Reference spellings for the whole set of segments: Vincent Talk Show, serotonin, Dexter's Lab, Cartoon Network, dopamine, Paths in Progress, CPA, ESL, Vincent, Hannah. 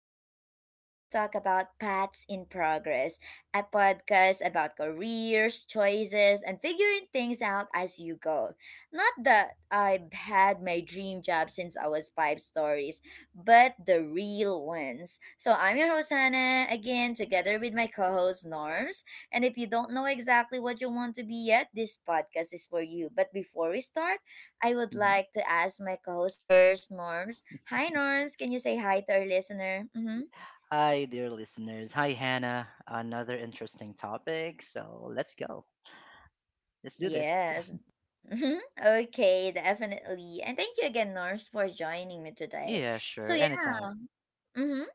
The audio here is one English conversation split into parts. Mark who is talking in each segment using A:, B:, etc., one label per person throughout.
A: today we're going to talk about Paths in Progress, a podcast about careers, choices, and figuring things out as you go. Not that I've had my dream job since I was five stories, but the real ones. So I'm your host Hannah again, together with my co-host Norms. And if you don't know exactly what you want to be yet, this podcast is for you. But before we start, I would
B: hmm
A: like to ask my co host first, Norms. Hi, Norms. Can you say hi to our listener? Mm-hmm.
B: Hi, dear listeners. Hi, Hannah. Another interesting topic. So let's go. Let's do this.
A: Yes. Mhm. Okay, definitely. And thank you again, Norms, for joining me today.
B: Yeah,
A: So,
B: sure. Anytime.
A: yeah. Mm-hmm.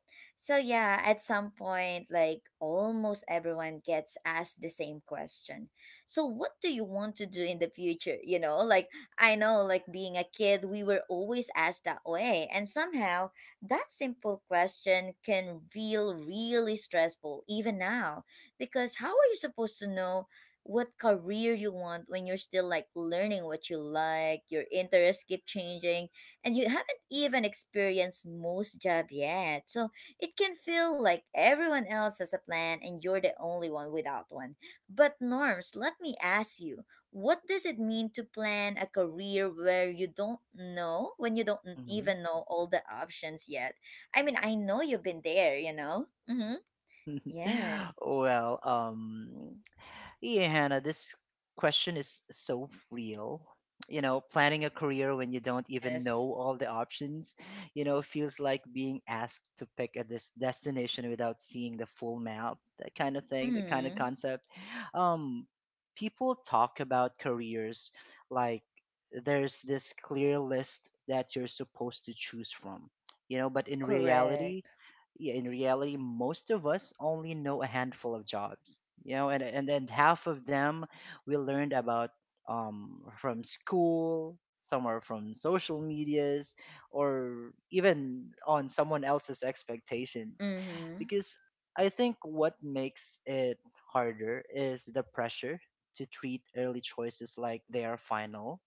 A: So yeah, at some point, like almost everyone gets asked the same question. So what do you want to do in the future? Like I know, like being a kid, we were always asked that way, and somehow that simple question can feel really stressful even now, because how are you supposed to know what career you want when you're still like learning what you like, your interests keep changing, and you even experience most job yet. So it can feel like everyone else has a plan and you're the only one without one. But Norms, let me ask you, what does it mean to plan a career where you don't know, when you don't
B: hmm
A: even know all the options yet? I mean, I know you've been there, you know? Mm-hmm. Yes.
B: well, yeah, Hannah, this question is so real. Planning a career when you don't even
A: Yes.
B: know all the options, feels like being asked to pick a destination without seeing the full map, that kind of thing, that kind of
A: Mm-hmm.
B: concept. Um, People talk about careers like there's this clear list that you're supposed to choose from, but in reality,
A: Correct.
B: yeah, in reality, most of us only know a handful of jobs, and then half of them we learned about from school, some are from social medias, or even on someone else's expectations,
A: Mm-hmm.
B: because I think what makes it harder is the pressure to treat early choices like they are final.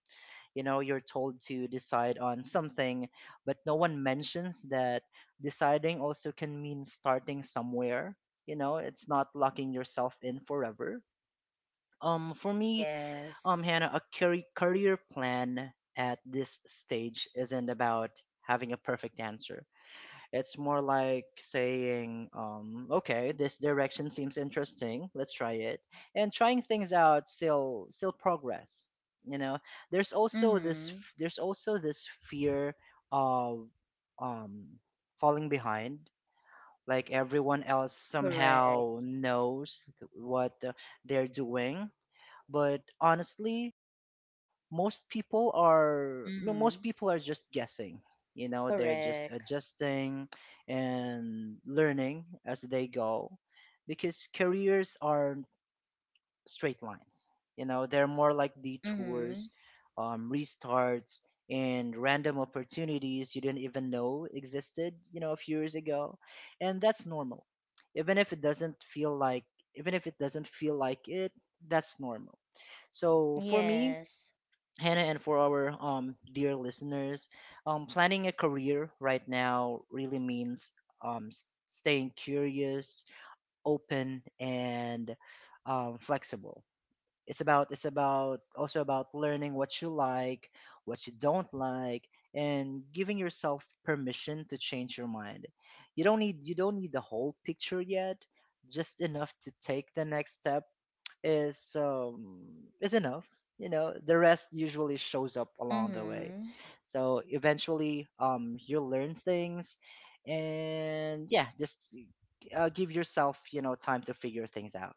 B: You're told to decide on something, but no one mentions that deciding also can mean starting somewhere. It's not locking yourself in forever. For me,
A: Yes.
B: Hannah, a career plan at this stage isn't about having a perfect answer. It's more like saying, okay, this direction seems interesting. Let's try it. And trying things out still progress. You know, there's also this
A: Mm-hmm.
B: f- there's also this fear of um falling behind. Like everyone else
A: Correct.
B: somehow knows what they're doing, but honestly, most people are no,
A: Mm-hmm.
B: most people are just guessing, they're just
A: Correct.
B: adjusting and learning as they go because careers aren't straight lines. They're more like
A: Mm-hmm.
B: detours, restarts, and random opportunities you didn't even know existed a few years ago. And that's normal. even if it doesn't feel like Even if it doesn't feel like it, that's normal. So for me,
A: Yes.
B: Hannah, and for our dear listeners, planning a career right now really means staying curious, open, and flexible. It's about also about learning what you like, what you don't like, and giving yourself permission to change your mind. You don't need the whole picture yet, just enough to take the next step is um is enough. The rest usually shows up along the way.
A: Mm-hmm.
B: So eventually, you learn things, and yeah, just give yourself time to figure things out.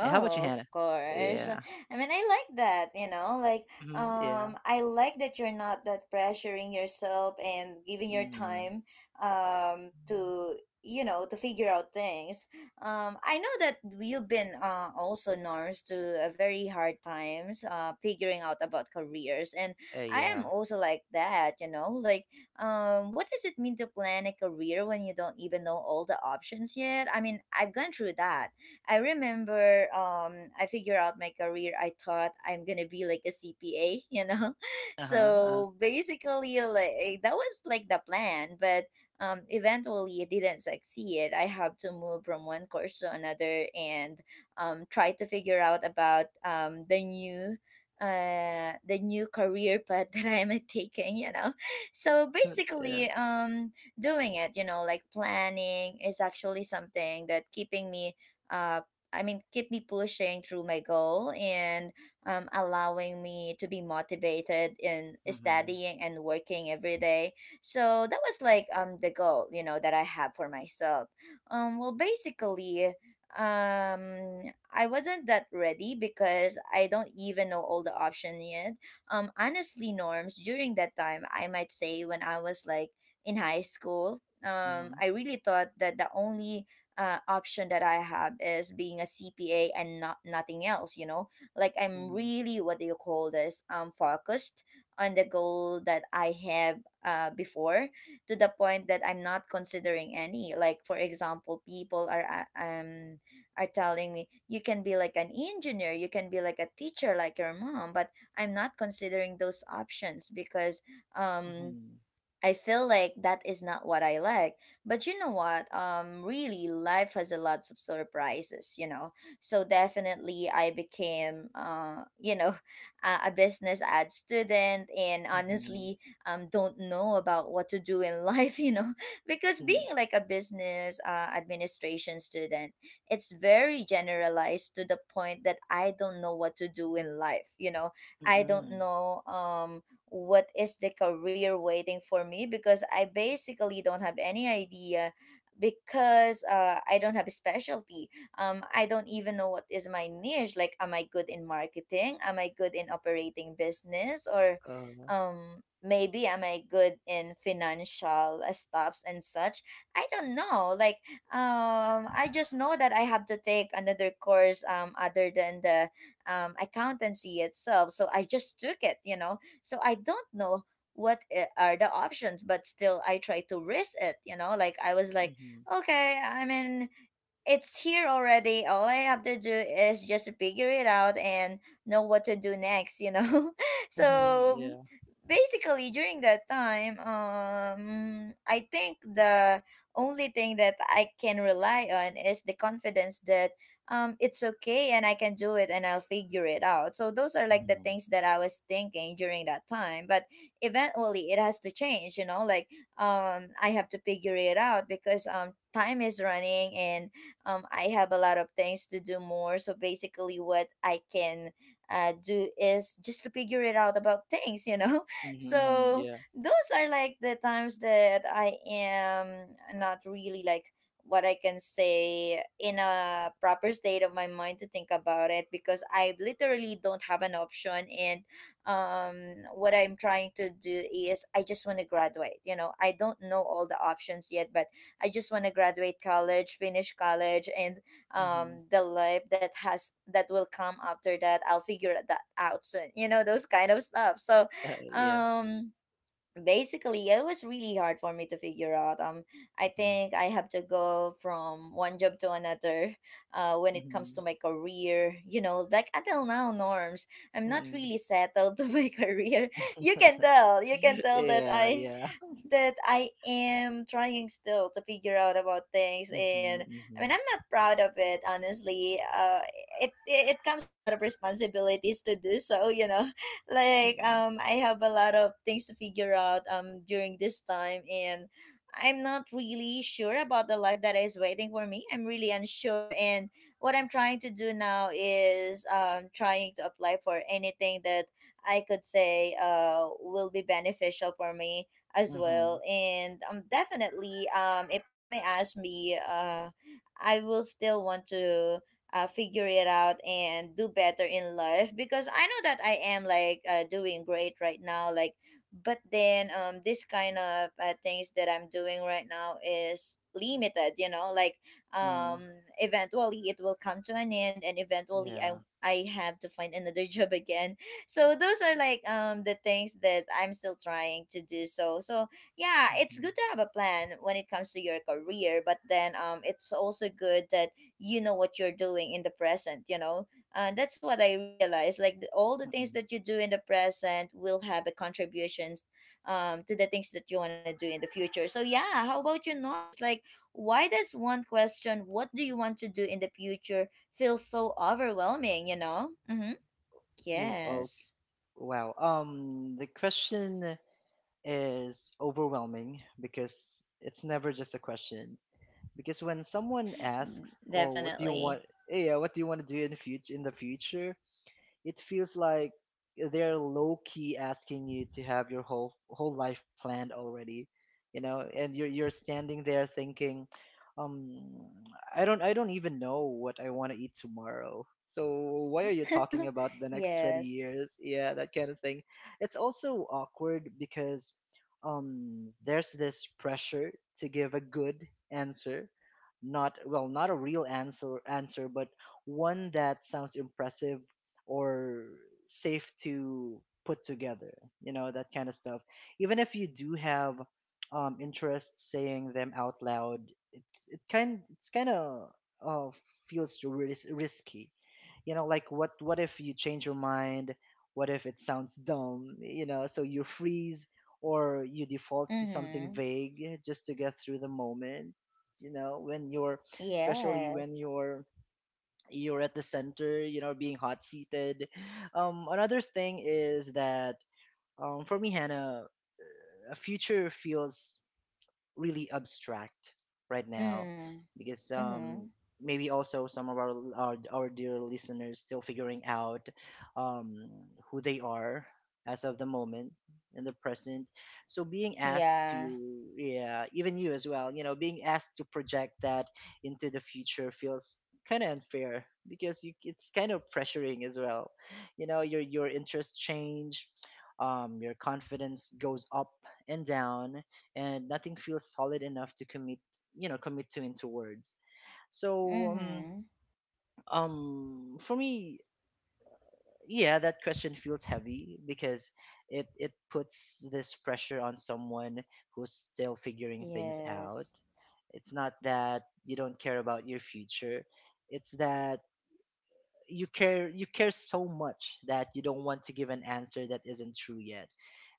B: Yeah, how about you,
A: of
B: Hannah?
A: course.
B: Yeah.
A: I mean, I like that, like
B: Mm-hmm. Yeah.
A: I like that you're not that pressuring yourself and giving your
B: Mm-hmm.
A: time um to to figure out things. I know that you've been also Norms to a very hard times figuring out about careers. And I am
B: Yeah.
A: also like that, like what does it mean to plan a career when you don't even know all the options yet? I mean, I've gone through that. I remember I figured out my career. I thought I'm gonna be like a CPA, you know.
B: Uh-huh.
A: So basically, like that was like the plan, but eventually it didn't succeed. I have to move from one course to another, and try to figure out about the new the new career path that I am taking, you know. So
B: Yeah.
A: basically, doing it, like planning is actually something that keeping me uh, I mean, keep me pushing through my goal, and allowing me to be motivated in
B: Mm-hmm.
A: studying and working every day. So that was like the goal, you know, that I have for myself. Well, basically, I wasn't that ready because I don't even know all the option yet. Honestly, Norms, during that time, I might say when I was like in high school. I really thought that the only option that I have is being a CPA and not nothing else. You know, like I'm
B: Mm-hmm.
A: really, what do you call this? Focused on the goal that I have before, to the point that I'm not considering any. Like for example, people are telling me you can be like an engineer, you can be like a teacher, like your mom, but I'm not considering those options because um
B: Mm-hmm.
A: I feel like that is not what I like. But you know what? Really, life has a lot of surprises, you know. So definitely, I became, a business ad student, and
B: Mm-hmm.
A: honestly, don't know about what to do in life, you know, because
B: Mm-hmm.
A: being like a business administration student, it's very generalized to the point that I don't know what to do in life, you know.
B: Mm-hmm.
A: I don't
B: Mm-hmm.
A: know, what is the career waiting for me because I basically don't have any idea because I don't have a specialty. I don't even know what is my niche. Like, am I good in marketing? Am I good in operating business? Or
B: uh,
A: maybe am I good in financial stuffs and such? I don't know. Like, I just know that I have to take another course, other than the accountancy itself. So I just took it, so I don't know what are the options, but still I try to risk it, you know? Like I was like,
B: mm-hmm.
A: okay, I'm in. It's here already. All I have to do is just figure it out and know what to do next, you know?
B: Mm-hmm. Mm-hmm,
A: So
B: yeah.
A: basically during that time, I think the only thing that I can rely on is the confidence that it's okay and I can do it and I'll figure it out. So those are like the
B: Mm-hmm.
A: things that I was thinking during that time. But eventually it has to change, you know, like I have to figure it out because time is running, and I have a lot of things to do more. So basically, what I can do is just to figure it out about things, you know?
B: Mm-hmm.
A: So
B: Yeah.
A: those are like the times that I am not really like what I can say in a proper state of my mind to think about it because I literally don't have an option, and what I'm trying to do is I just want to graduate, I don't know all the options yet, but I just want to graduate college, finish college, and
B: Mhm.
A: the life that has that will come after that, I'll figure that out soon. You know those kind of stuff. So,
B: Yeah.
A: um, basically it was really hard for me to figure out. I
B: Mhm.
A: think I have to go from one job to another when it comes to
B: Mhm.
A: my career, like until now, Norms, I'm not
B: Mm.
A: really settled to my career. you can tell you can tell that
B: Yeah,
A: i
B: yeah.
A: that i am trying still to figure out about things, and
B: Mhm.
A: I mean,
B: Mhm.
A: I'm not proud of it, honestly. It comes a lot of responsibilities to do so. Like
B: Mm.
A: I have a lot of things to figure out during this time, and I'm not really sure about the life that is waiting for me. I'm really unsure, and what I'm trying to do now is trying to apply for anything that I could say will be beneficial for me as well.
B: Mhm.
A: And definitely, if you may ask me, I will still want to figure it out and do better in life because I know that I am like, doing great right now. Like, but then this kind of things that I'm doing right now is limited, like
B: Mm.
A: um eventually it will come to an end, and eventually i
B: Yeah.
A: i have to find another job again. So those are like the things that I'm still trying to do. So, yeah, it's
B: Mhm.
A: good to have a plan when it comes to your career, but then it's also good that you know what you're doing in the present. And that's what I realized, like all the things
B: Mm.
A: that you do in the present will have a contributions to the things that you want to do in the future. So yeah, how about your, Norms? Like, why does one question, "what do you want to do in the future" feel so overwhelming, you know? Mm-hmm.
B: Ooh. Oh,
A: Yes.
B: wow. The question is overwhelming because it's never just a question. Because when someone
A: Mm,
B: asks, "Oh, what do you want?"
A: definitely.
B: Yeah, what do you want to do in the future? In the future, it feels like they're low key asking you to have your whole whole life planned already, and you're standing there thinking, um, I don't even know what I want to eat tomorrow. So why are you talking about the next 20
A: Yes.
B: years? Yeah, that kind of thing. It's also awkward because there's this pressure to give a good answer, not, well, not a real answer, but one that sounds impressive or safe to put together. That kind of stuff. Even if you do have interest, saying them out loud, it's kind of, uh, feels risky. Like, what if you change your mind, what if it sounds dumb? So you freeze, or you default to something
A: Mm-hmm.
B: vague just to get through the moment, you know when you're especially
A: Yeah.
B: when you're at the center, you know, being hot seated. Another thing is that for me, Hannah, a future feels really abstract right now,
A: Mm.
B: because
A: Mm-hmm.
B: maybe also some of our our dear listeners still figuring out um who they are as of the moment, in the present. So being asked
A: Yeah.
B: to, yeah, even you as well, being asked to project that into the future feels kind of unfair, because it's kind of pressuring as well. Your interests change, your confidence goes up and down, and nothing feels solid enough to commit, to into words. So,
A: Mm-hmm.
B: for me, yeah, that question feels heavy because it puts this pressure on someone who's still figuring things out.
A: Yes.
B: It's not that you don't care about your future, it's that you care so much that you don't want to give an answer that isn't true yet.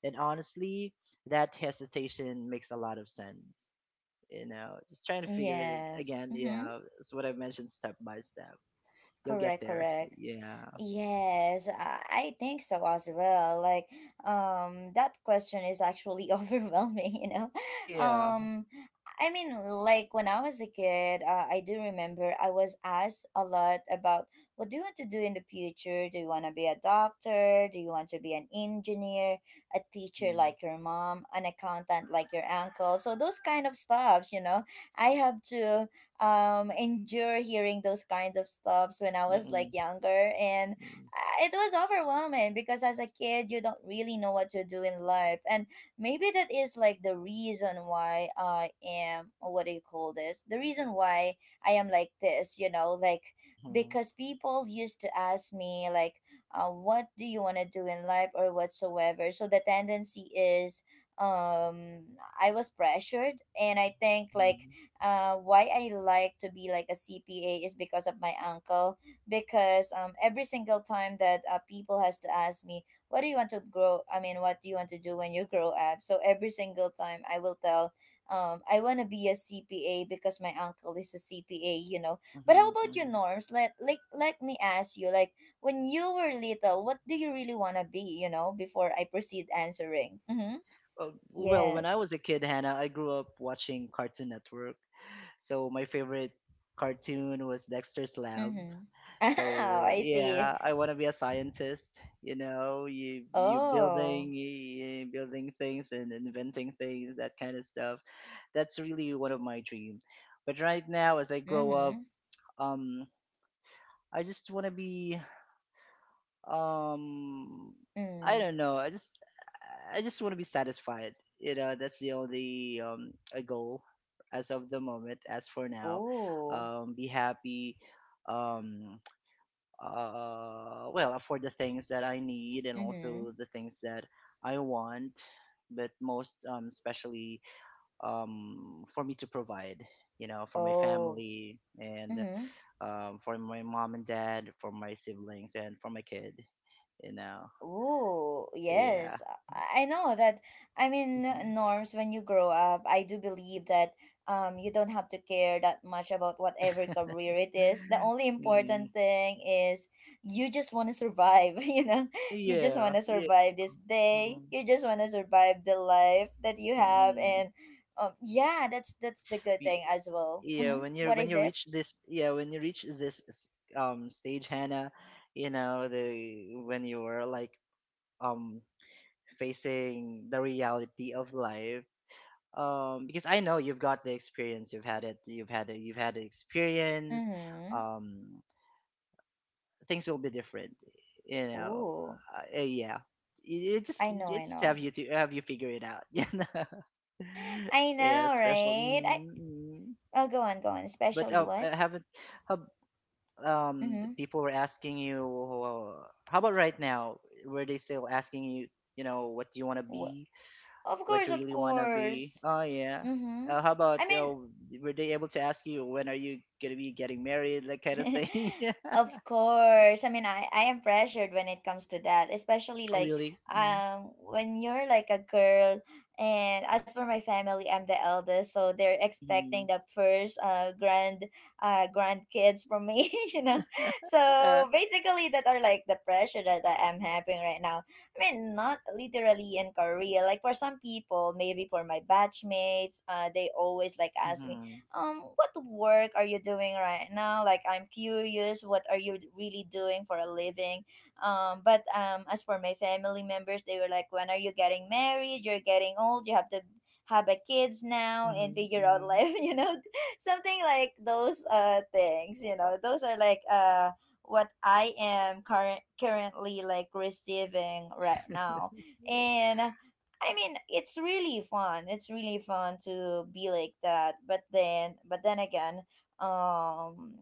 B: And honestly, that hesitation makes a lot of sense. Just trying to figure it
A: Yes.
B: again,
A: Mm-hmm.
B: yeah, it's what I've mentioned. Step by step, you'll get
A: Correct,
B: there.
A: correct.
B: Yeah,
A: Yes, I think so as well. Like, that question is actually overwhelming, you know?
B: yeah.
A: Um, I mean, like when I was a kid, I do remember I was asked a lot about what do you want to do in the future? Do you want to be a doctor? Do you want to be an engineer, a teacher
B: Mm-hmm.
A: like your mom, an accountant like your uncle? So those kind of stuffs, you know? I have to endure hearing those kinds of stuffs when I was like
B: Mm-hmm.
A: younger, and it was overwhelming because as a kid you don't really know what to do in life, and maybe that is like the reason why I am, or what do you call this, the reason why I am like this, like
B: hmm
A: because people used to ask me like, what do you want to do in life or whatsoever. So the tendency is, um I was pressured. And I think like,
B: hmm
A: why I like to be like a CPA is because of my uncle. Because every single time that people has to ask me, "What do you want to grow? I mean, what do you want to do when you grow up?" So every single time I will tell, I want to be a CPA because my uncle is a CPA. You know. But how about you,
B: hmm
A: Norms? Let me ask you, like when you were little, what do you really want to be? You know, before I proceed answering. Mm-hmm.
B: Well, when I
A: Yes.
B: was a kid, Hannah, I grew up watching Cartoon Network. So my favorite cartoon was Dexter's Lab.
A: Mm-hmm. Oh,
B: So,
A: I see.
B: yeah, I want to be a scientist.
A: Oh.
B: You building things and inventing things, that kind of stuff. That's really one of my dream. But right now, as I grow up,
A: Mhm.
B: um, I just want to be, um, I
A: Mm.
B: don't know. I just, want to be satisfied. That's the only a goal as of the moment. As for now,
A: Ooh.
B: be happy. Um, well, for the things that I need, and
A: Mhm.
B: also the things that I want, but most especially, for me to provide, for my
A: Oh.
B: family, and
A: Mhm.
B: for my mom and dad, for my siblings, and for my kid, you know
A: Oh,
B: yeah.
A: yes. I know that. I mean,
B: Mhm.
A: norms when you grow up, I do believe that you don't have to care that much about whatever career it is. The only
B: Mm,
A: important thing is you just want to survive, you know. You just
B: yeah,
A: want to
B: yeah.
A: survive this day.
B: Mm,
A: You just want to survive the life that you have
B: mm.
A: and yeah, that's the good
B: Y-
A: thing as well.
B: yeah,
A: Mm-hmm.
B: when you
A: What
B: when
A: is
B: you
A: it?
B: reach this, yeah, when you reach this stage, Hannah, you know the when you're like, um facing the reality of life, because I know you've got the experience, you've had it, you've had the experience.
A: Mhm.
B: um Things will be different, you know.
A: Ooh.
B: Yeah, it just
A: I know, I know.
B: have you figure it out.
A: I
B: Yeah,
A: know,
B: special.
A: right?
B: Mm, mm.
A: Oh, go on, go on.
B: But
A: Especially what?
B: haven't, how, the
A: Mm-hmm.
B: people were asking you, how about right now, were they still asking you, you know what do you want to
A: What?
B: be,
A: Of
B: what
A: course,
B: you
A: of
B: really want to be?
A: course.
B: Oh, yeah.
A: Mm-hmm.
B: How
A: I
B: about,
A: mean,
B: were they able to ask you when are you gonna be getting married, that kind of thing? Yeah.
A: of course. I mean, I am pressured when it comes to that, especially
B: Oh,
A: like
B: really. Mm-hmm.
A: when you're like a girl, and as for my family, I'm the eldest, so they're expecting
B: Mm-hmm.
A: the first grand grandkids from me, you know. So
B: Uh,
A: basically that are like the pressure that I am having right now. I mean, not literally in Korea. Like for some people, maybe for my batchmates, they always like ask me,
B: mm-hmm.
A: what work are you doing right now, like I'm curious, what are you really doing for a living? But As for my family members, they were like, when are you getting married? You're getting old, you have to have a kids now and
B: Mm-hmm.
A: figure out
B: Mm-hmm.
A: life, you know, something like those things, you know, those are like what I am currently like receiving right now. And I mean, it's really fun. It's really fun to be like that. But then again, um,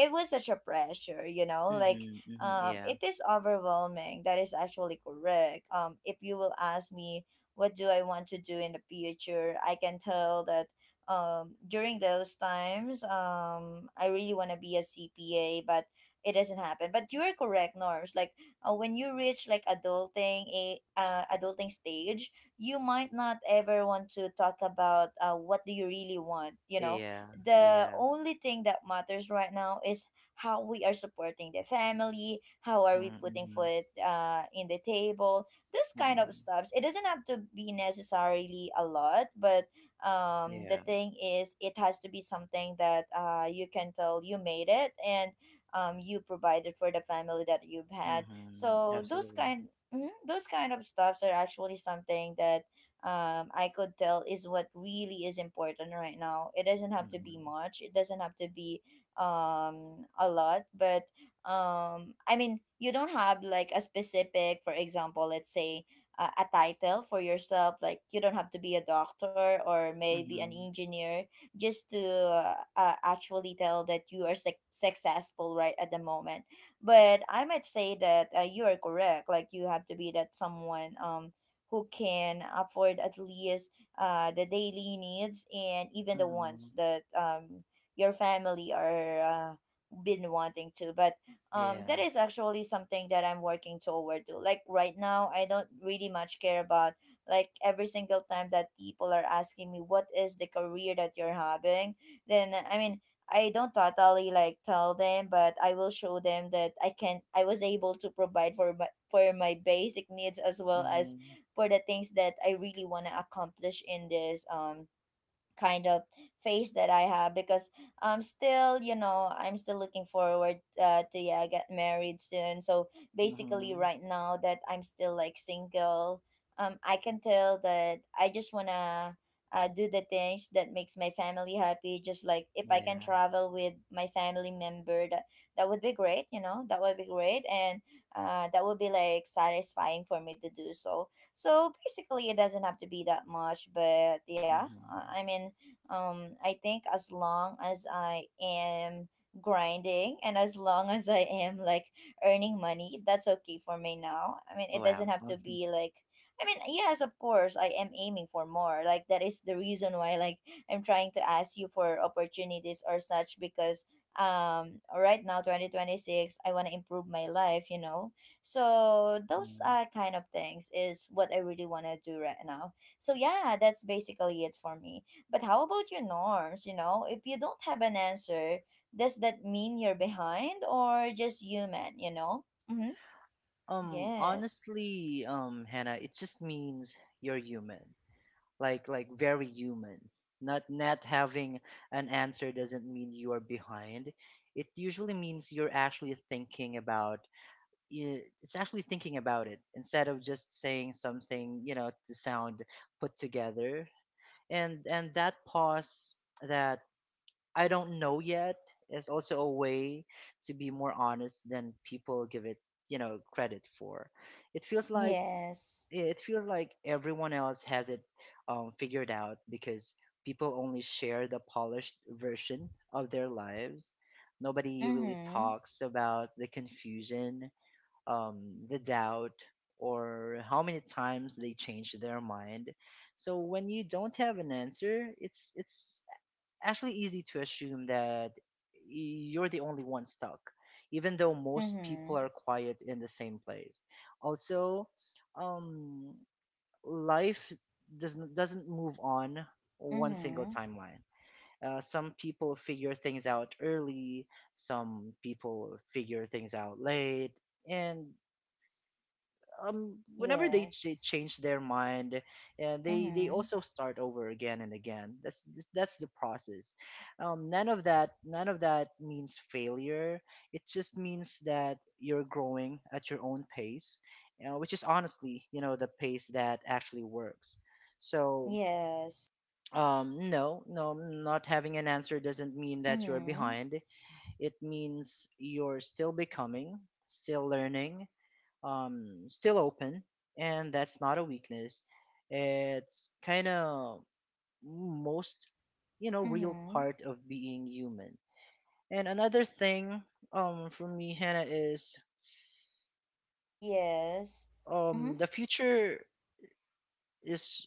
A: it was such a pressure, you know. Like,
B: Mm-hmm. Mm-hmm. Yeah,
A: it is overwhelming. That is actually correct. If you will ask me, what do I want to do in the future? I can tell that. During those times, I really want to be a CPA, but it doesn't happen. But you are correct, Norms. Like when you reach like adulting a adulting stage, you might not ever want to talk about what do you really want. You know,
B: yeah,
A: the
B: yeah.
A: only thing that matters right now is how we are supporting the family, how are we
B: Mm-hmm.
A: putting
B: Mm-hmm.
A: food in the table, this kind of
B: Mm-hmm.
A: stuff. It doesn't have to be necessarily a lot, but the
B: Yeah.
A: thing is, it has to be something that you can tell you made it, and you provided for the family that you've had,
B: Mm-hmm.
A: so those
B: Absolutely.
A: kind, mhm, those kind of stuffs are actually something that I could tell is what really is important right now. It doesn't have to be
B: Mm-hmm.
A: much. It doesn't have to be a lot, but I mean, you don't have like a specific, for example, let's say a title for yourself. Like you don't have to be a doctor or maybe an
B: Mm-hmm.
A: engineer just to actually tell that you are successful right at the moment, but I might say that you are correct. Like you have to be that someone who can afford at least the daily needs and even the ones
B: Mhm.
A: that your family are been wanting to. But that
B: Yeah.
A: is actually something that I'm working toward to. Like right now, I don't really much care about like every single time that people are asking me what is the career that you're having, then. I don't totally like tell them, but I will show them that I was able to provide for my basic needs, as well as
B: Mhm.
A: for the things that I really want to accomplish in this kind of phase that I have, because I'm still, you know, I'm still looking forward to yeah get married soon. So basically,
B: Mhm.
A: right now that I'm still like single, I can tell that I just wanna do the things that makes my family happy. Just like if I can
B: Yeah.
A: travel with my family member, that would be great. You know, that would be great, and that would be like satisfying for me to do so. So basically, it doesn't have to be that much, but yeah,
B: Mhm.
A: I mean, I think as long as I am grinding and as long as I am like earning money, that's okay for me now. I mean, it doesn't
B: Wow.
A: have to
B: Mhm.
A: be like, I mean, yes, of course, I am aiming for more. Like that is the reason why like I'm trying to ask you for opportunities or such, because right now 2026, I want to improve my life, you know. So those
B: Mhm.
A: kind of things is what I really want to do right now. So yeah, that's basically it for me. But how about your norms? You know, if you don't have an answer, does that mean you're behind or just human? You know? Mm-hmm. Yes.
B: Honestly, Hannah, it just means you're human. Like very human. Not having an answer doesn't mean you are behind. It usually means you're actually thinking about. It's actually thinking about it instead of just saying something, to sound put together. And that pause, that I don't know yet, is also a way to be more honest than people give it, credit for. It feels like
A: Yes.
B: it feels like everyone else has it figured out because people only share the polished version of their lives. Nobody really
A: Mm-hmm.
B: talks about the confusion, the doubt, or how many times they change their mind. So when you don't have an answer, it's actually easy to assume that you're the only one stuck, even though most people
A: Mm-hmm.
B: are quiet in the same place. Also, um, life doesn't move on one single
A: Mm-hmm.
B: timeline. Some people figure things out early, some people figure things out late, and whenever they
A: Yes.
B: change their mind, and they
A: Mm-hmm.
B: also start over again and again. That's the process. None of that means failure, it just means that you're growing at your own pace, which is honestly, the pace that actually works. So,
A: Yes.
B: no, no, not having an answer doesn't mean that you're
A: Mm-hmm.
B: behind. It means you're still becoming, still learning, still open, and that's not a weakness. It's kind of most, real
A: Mm-hmm.
B: part of being human. And another thing, for me, Hannah, is,
A: Yes. Mm-hmm.
B: the future is,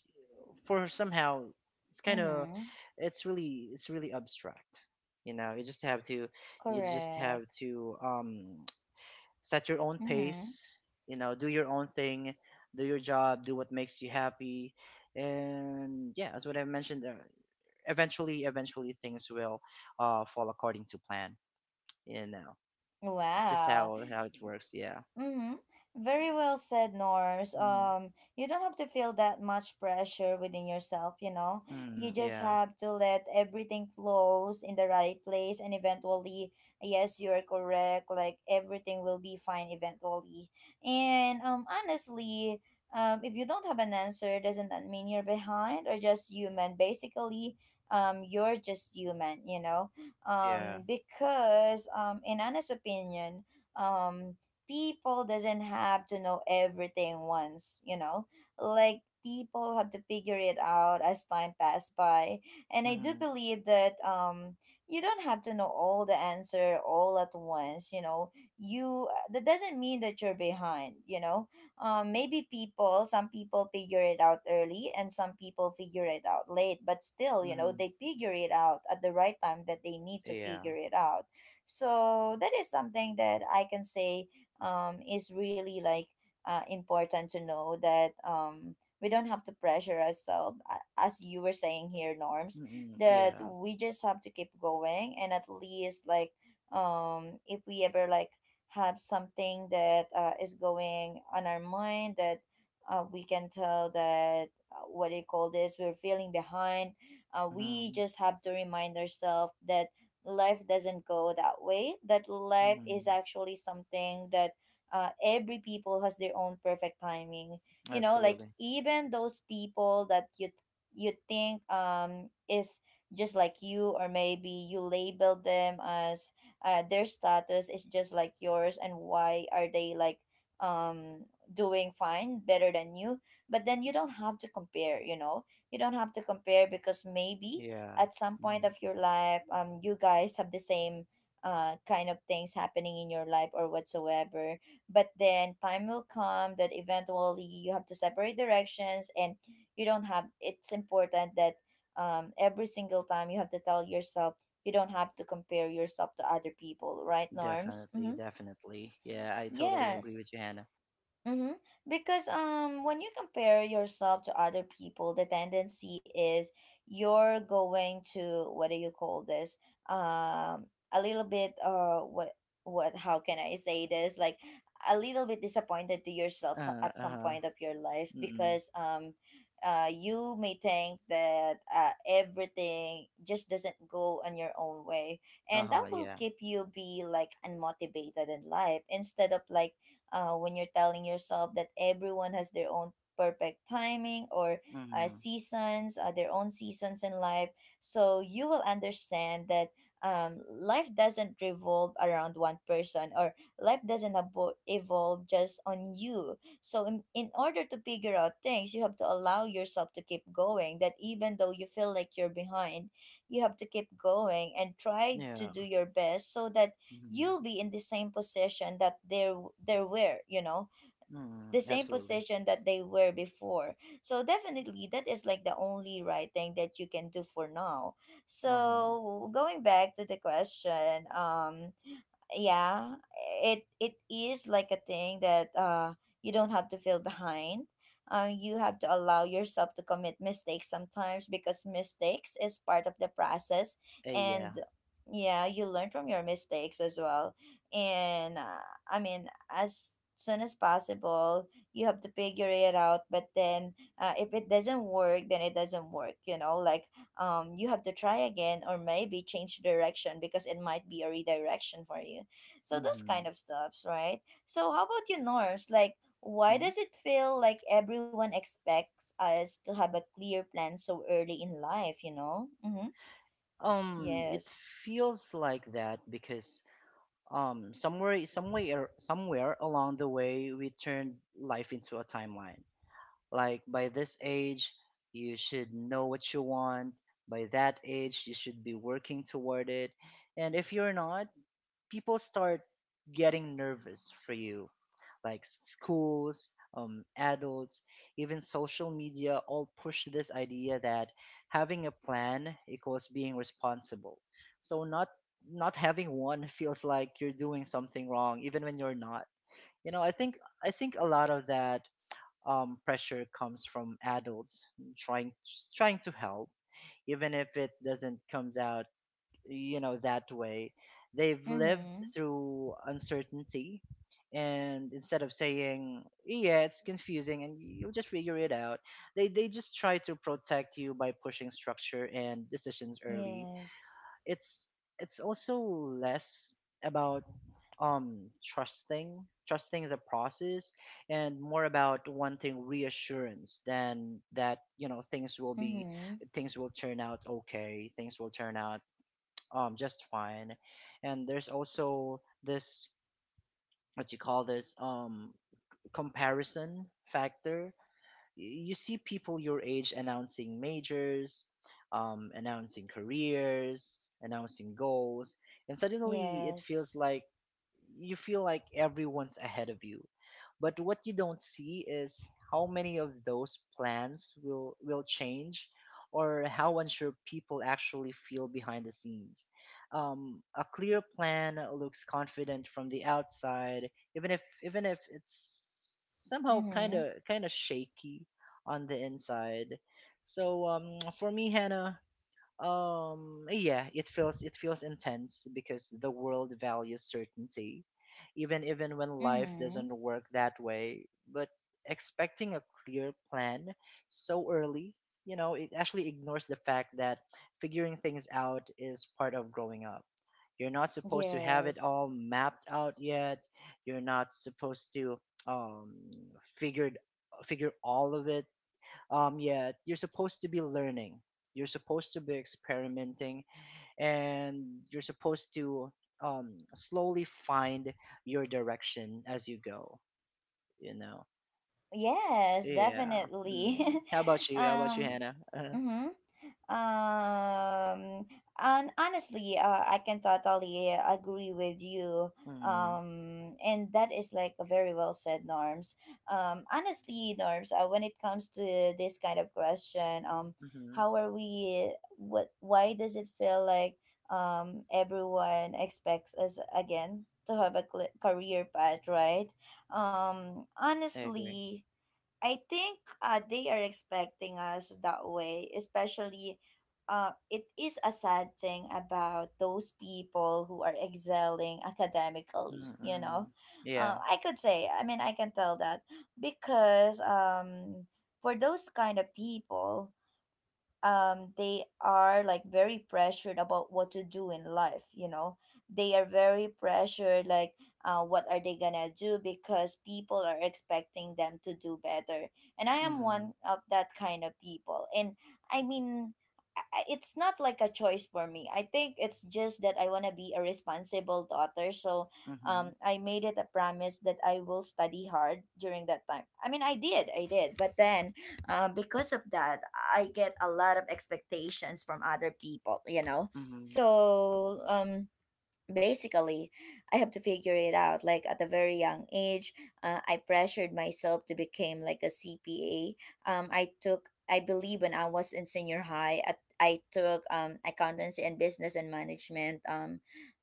B: for somehow it's kind of,
A: Mm-hmm.
B: it's really abstract. You know, you just have to, you just
A: Correct.
B: have to, set your own
A: Mm-hmm.
B: pace, do your own thing, do your job, do what makes you happy. And yeah, as what I mentioned, eventually things will, fall according to plan. you know it's just
A: Wow.
B: how it works, yeah.
A: Mm-hmm. Very well said, Norms.
B: Mm.
A: You don't have to feel that much pressure within yourself, you know. You
B: Mm.
A: just
B: Yeah.
A: have to let everything flows in the right place, and eventually, yes, you are correct, like everything will be fine eventually. And honestly, if you don't have an answer, doesn't that mean you're behind or just human? Basically, you're just human, you know.
B: Yeah.
A: Um, because in honest opinion, um people doesn't have to know everything once, you know, like people have to figure it out as time passed by, and I do
B: Mm.
A: believe that you don't have to know all the answer all at once, you know. You, that doesn't mean that you're behind, you know. Um, maybe people, some people figure it out early and some people figure it out late, but still, you know,
B: Mm.
A: they figure it out at the right time that they need to
B: Yeah.
A: figure it out. So that is something that I can say is really like important to know that we don't have to pressure ourselves, as you were saying here, Norms,
B: Mm.
A: that
B: Yeah.
A: we just have to keep going, and at least like if we ever like have something that is going on our mind, that we can tell that what do you call this, we're feeling behind, we
B: Mm.
A: just have to remind ourselves that life doesn't go that way, that life is
B: Mm.
A: actually something that every people has their own perfect timing, you know, like
B: Absolutely.
A: even those people that you think is just like you, or maybe you label them as their status is just like yours, and why are they like um doing fine better than you? But then you don't have to compare, you know, you don't have to compare, because maybe
B: Yeah.
A: at some point of
B: Mm.
A: your life you guys have the same kind of things happening in your life or whatsoever, but then time will come that eventually you have to separate directions, and you don't have, it's important that every single time you have to tell yourself, you don't have to compare yourself to other people, right, norms?
B: Definitely,
A: Mm-hmm.
B: definitely. Yeah, I totally agree
A: Yes.
B: with you, Hannah.
A: Mm-hmm. Because when you compare yourself to other people, the tendency is you're going to, what do you call this? Um, a little bit what how can I say this? Like a little bit disappointed to yourself so-
B: uh,
A: at some
B: uh,
A: point of your life,
B: mm.
A: because you may think that everything just doesn't go on your own way, and that
B: Uh-huh,
A: will
B: yeah.
A: keep you be like unmotivated in life, instead of like when you're telling yourself that everyone has their own perfect timing or
B: Mm-hmm.
A: seasons, their own seasons in life. So you will understand that life doesn't revolve around one person, or life doesn't evolve just on you. So in order to figure out things, you have to allow yourself to keep going that even though you feel like you're behind, you have to keep going and try to
B: Yeah.
A: do your best so that
B: Mm-hmm.
A: you'll be in the same position that they were.
B: Mm-hmm.
A: The same
B: Absolutely.
A: position that they were before. So definitely that is like the only right thing that you can do for now.
B: Uh-huh.
A: So going back to the question, yeah, it is like a thing that you don't have to feel behind. You have to allow yourself to commit mistakes sometimes because mistakes is part of the process.
B: Yeah.
A: And yeah, you learn from your mistakes as well. And I mean, as soon as possible you have to figure it out. But then if it doesn't work then it doesn't work, you know, like, you have to try again or maybe change direction because it might be a redirection for you. So those
B: Mm-hmm.
A: kind of stuffs, right? So how about you, Norse? Like, why
B: hmm
A: does it feel like everyone expects us to have a clear plan so early in life? You know? Mm-hmm.
B: It
A: Yes.
B: feels like that because somewhere along the way we turned life into a timeline. Like by this age, you should know what you want. By that age, you should be working toward it. And if you're not, people start getting nervous for you like schools, adults, even social media all push this idea that having a plan equals being responsible. So not having one feels like you're doing something wrong, even when you're not. You know, I think a lot of that pressure comes from adults trying trying to help, even if it doesn't comes out you know that way they've lived
A: Mm-hmm.
B: through uncertainty. And instead of saying yeah, it's confusing and you'll just figure it out, they just try to protect you by pushing structure and decisions early.
A: Yes.
B: It's it's also less about um trusting trusting the process, and more about wanting reassurance than that, you know, things will be,
A: Mm-hmm.
B: things will turn out okay, things will turn out just fine. And there's also this what you call this comparison factor. You see people your age announcing majors, announcing careers, announcing goals, and suddenly it feels
A: Yes.
B: like you feel like everyone's ahead of you. But what you don't see is how many of those plans will change, or how unsure people actually feel behind the scenes. A clear plan looks confident from the outside, even if it's somehow kind
A: Mm-hmm.
B: of kind of shaky on the inside. So for me, Hannah, yeah, it feels intense because the world values certainty, even when life
A: Mm-hmm.
B: doesn't work that way. But expecting a clear plan so early, you know, it actually ignores the fact that figuring things out is part of growing up. You're not supposed to have it
A: Yes.
B: all mapped out yet. You're not supposed to um figured figure all of it. Yeah, you're
A: Yes.
B: supposed to be learning, you're supposed to be experimenting, and you're supposed to slowly find your direction as you go, you know.
A: Yes,
B: Yeah, mm.
A: definitely.
B: How about you, how about you,
A: um
B: Hannah?
A: Mm-hmm. Um, and honestly, I can totally agree with you.
B: Mm,
A: And that is like a very well said, Norms. Honestly, Norms, when it comes to this kind of question,
B: mm-hmm.
A: how are we? What? Why does it feel like everyone expects us again to have a career path, right?
B: I agree.
A: Honestly, I think they are expecting us that way, especially it is a sad thing about those people who are excelling academically, you
B: Mm-hmm.
A: know.
B: Yeah.
A: I could say, I mean, I can tell that because for those kind of people they are like very pressured about what to do in life, you know, they are very pressured like, what are they gonna do because people are expecting them to do better. And I am
B: Mm-hmm.
A: one of that kind of people. And I mean, it's not like a choice for me. I think it's just that I want to be a responsible daughter. So
B: Mm-hmm.
A: I made it a promise that I will study hard during that time. I mean, I did. But then because of that I get a lot of expectations from other people, you know.
B: Mm-hmm.
A: So um, basically I have to figure it out like at a very young age. I pressured myself to become like a CPA. I took, I believe when I was in senior high at, I took accountancy and business and management, um,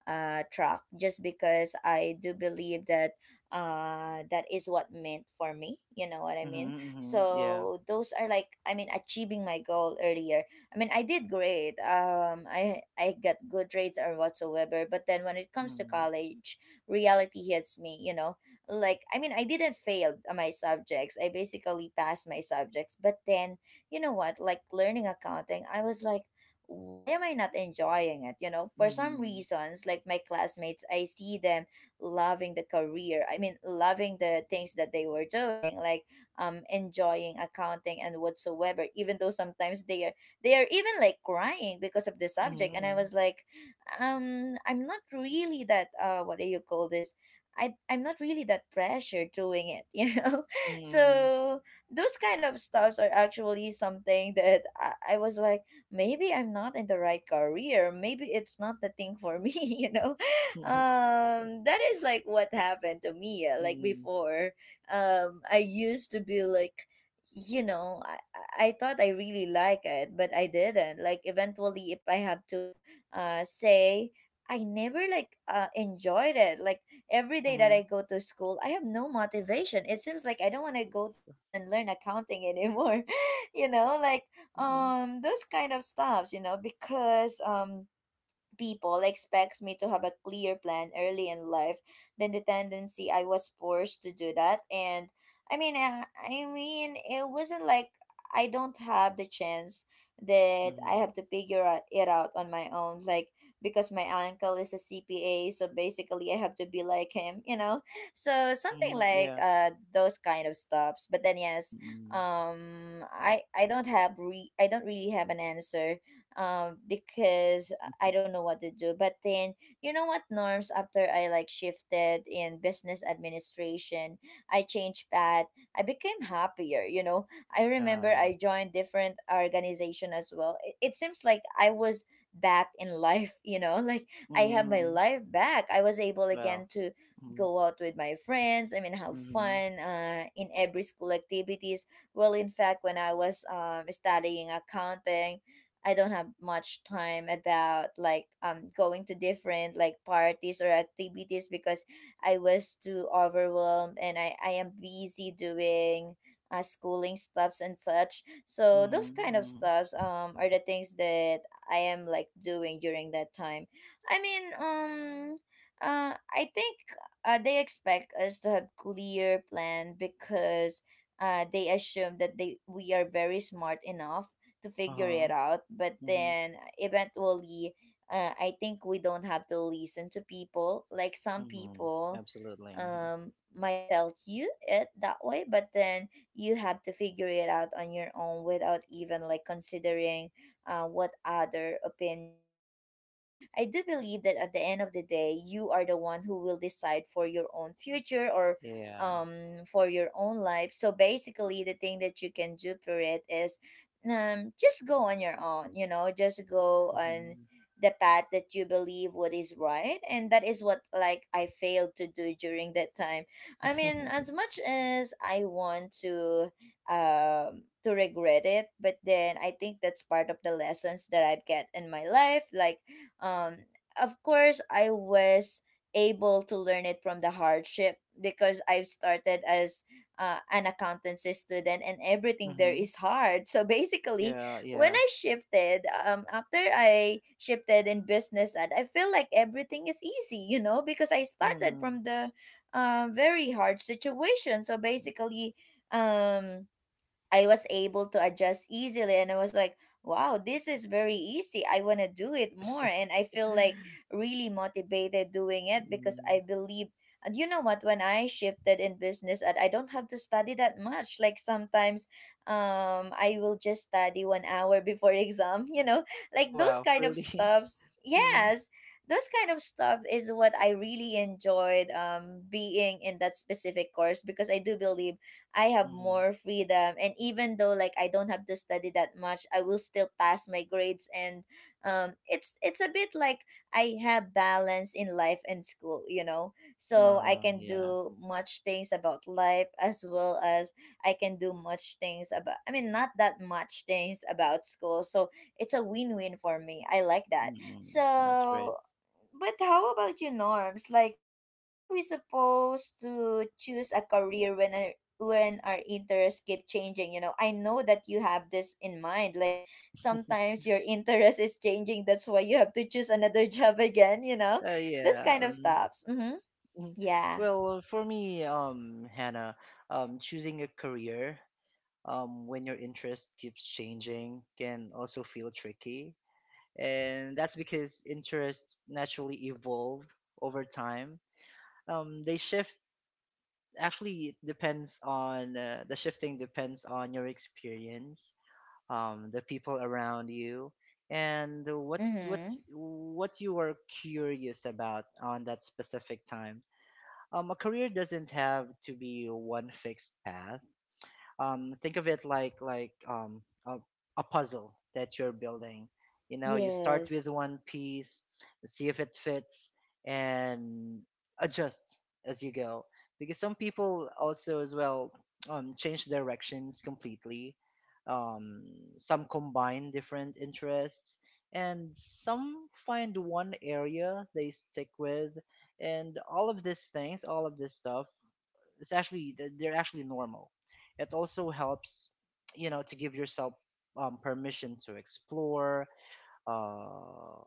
A: uh, track just because I do believe that that is what meant for me, you know what I
B: Mm-hmm.
A: mean.
B: Mm-hmm. Yeah.
A: So those are like, I mean, achieving my goal earlier. I mean, I did great. I got good grades or whatsoever. But then when it comes to
B: Mm-hmm.
A: college, reality hits me. You know, like I mean, I didn't fail my subjects. I basically passed my subjects. But then you know what? Like learning accounting, I was like, why am I not enjoying it? You know, for some
B: Mm-hmm.
A: reasons, like my classmates, I see them loving the career. I mean, loving the things that they were doing. Like, enjoying accounting and whatsoever, even though sometimes they are even like crying because of the subject. And I
B: Mm-hmm.
A: was like, I'm not really that what do you call this, I'm not really that pressure doing it, you know?
B: Mm-hmm.
A: So those kind of stuffs are actually something that I was like, maybe I'm not in the right career. Maybe it's not the thing for me, you know? That is like what happened to me. Like
B: Mm-hmm.
A: before, I used to be like, you know, I thought I really like it but I didn't like eventually. If I have to say, I never like enjoyed it. Like every day that
B: Mm-hmm.
A: I go to school I have no motivation. It seems like I don't want to go to school and learn accounting anymore, you know, like,
B: Mm-hmm.
A: those kind of stuffs, you know, because people expects me to have a clear plan early in life, then the tendency I was forced to do that. And I mean, it wasn't like I don't have the chance that I
B: Mm-hmm.
A: have to it out on my own. Like because my uncle is a CPA, so basically I have to be like him, you know. So something
B: Mhm,
A: like
B: yeah.
A: those kind of stops, but then yes,
B: Mm.
A: I don't have re I don't really have an answer because I don't know what to do. But then, you know what, Norms, after I like shifted in business administration, I changed path. I became happier, you know. I remember
B: Uh-huh.
A: I joined different organization as well. It seems like I was back in life, you know, like I have my
B: Mm.
A: life back. I was able
B: Well.
A: again to
B: Mm.
A: go out with my friends. I mean, have
B: Mhm.
A: fun in every school activities. Well, in fact, when I was studying accounting, I don't have much time about like going to different like parties or activities because I was too overwhelmed and I am busy doing schooling stuffs and such. So
B: Mhm.
A: those kind of
B: Mhm.
A: stuffs are the things that I am like doing during that time. I mean I think they expect us to have clear plan because they assume that they we are very smart enough to figure
B: Uh-huh.
A: it out. But
B: Mhm.
A: then eventually, I think we don't have to listen to people. Like some
B: Mhm.
A: people
B: Absolutely. Mhm.
A: might tell you it that way, but then you have to figure it out on your own without even like considering what other opinion is. Because I do believe that at the end of the day, you are the one who will decide for your own future or
B: Yeah.
A: for your own life. So basically the thing that you can do for it is just go on your own, you know, just go on
B: Mhm.
A: the path that you believe what is right. And that is what like I failed to do during that time. I mean,
B: Mhm.
A: as much as I want to regret it, but then I think that's part of the lessons that I've get in my life. Like um of course I was able to learn it from the hardship because I've started as an accountancy student and everything there is hard. So basically
B: Yeah,
A: when
B: yeah.
A: I shifted, in business ad I feel like everything is easy, you know, because I started
B: Mhm.
A: from the very hard situation. So basically um I was able to adjust easily and I was like, wow, this is very easy. I want to do it more and I feel like really motivated doing it because
B: Mm.
A: I believe. And you know what, when I shifted in business and I don't have to study that much, like sometimes I will just study 1 hour before exam, you know, like those
B: Well,
A: kind of
B: really?
A: stuffs.
B: Mm.
A: Yes. Those kind of stuff is what I really enjoyed being in that specific course because I do believe I have
B: Mhm.
A: more freedom. And even though like I don't have to study that much, I will still pass my grades. And it's a bit like I have balance in life and school. You know, so I
B: Uh-huh.
A: can
B: Yeah.
A: do much things about life as well as I can do much things about. I mean, not that much things about school. So it's a win win for me. I like that.
B: Mm. That's great.
A: So, but how about you, Norms? Like, how are we supposed to choose a career when our interests keep changing, you know? I know that you have this in mind like sometimes your interest is changing, that's why you have to choose another job again, you know, this
B: Yeah.
A: kind of stuffs. Mm-hmm.
B: Mm.
A: Yeah.
B: Well, for me, Hannah, choosing a career when your interest keeps changing can also feel tricky. And that's because interests naturally evolve over time. They shift. Actually, it depends on the shifting depends on your experience, the people around you, and what
A: Mm-hmm.
B: what's what you are curious about on that specific time. A career doesn't have to be one fixed path. Think of it like a puzzle that you're building. You know, you start with
A: Yes.
B: one piece, see if it fits, and adjust as you go. Because some people also as well change directions completely. Um, some combine different interests, and some find one area they stick with. And all of these things, all of this stuff, it's actually they're actually normal. It also helps, you know, to give yourself permission to explore uh,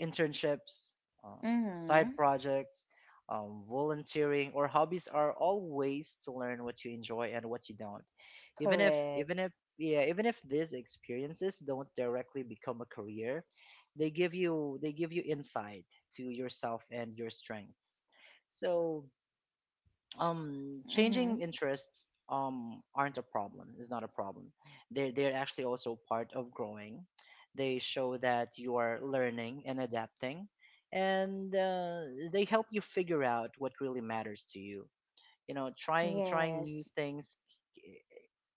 B: internships, um, side
A: Mm-hmm.
B: projects, volunteering, or hobbies are all ways to learn what you enjoy and what you don't. Even if even
A: Correct.
B: if yeah, even if these experiences don't directly become a career, they give you insight to yourself and your strengths. So changing
A: Mm-hmm.
B: interests, aren't a problem, is not a problem. They're actually also part of growing. They show that you are learning and adapting, and they help you figure out what really matters to you. You know, trying new
A: Yes.
B: things,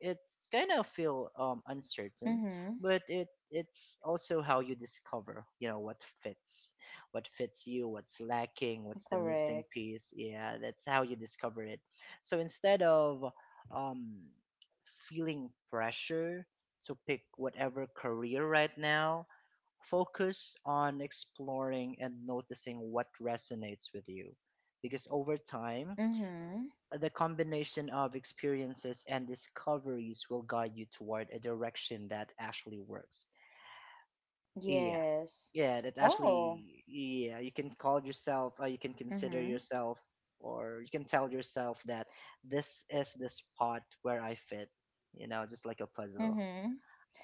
B: it's kind of feel uncertain,
A: Mm-hmm.
B: but it's also how you discover, you know, what fits, what fits you, what's lacking, what's the missing
A: Correct.
B: piece. Yeah, that's how you discover it. So instead of um feeling pressure to pick whatever career right now, focus on exploring and noticing what resonates with you, because over time
A: Mm-hmm.
B: the combination of experiences and discoveries will guide you toward a direction that actually works. Yeah.
A: Yes.
B: Yeah, that
A: Oh.
B: actually, yeah, you can call yourself, you can consider
A: Mm-hmm.
B: yourself, or you can tell yourself that this is the spot where I fit, you know, just like a puzzle.
A: Mm-hmm.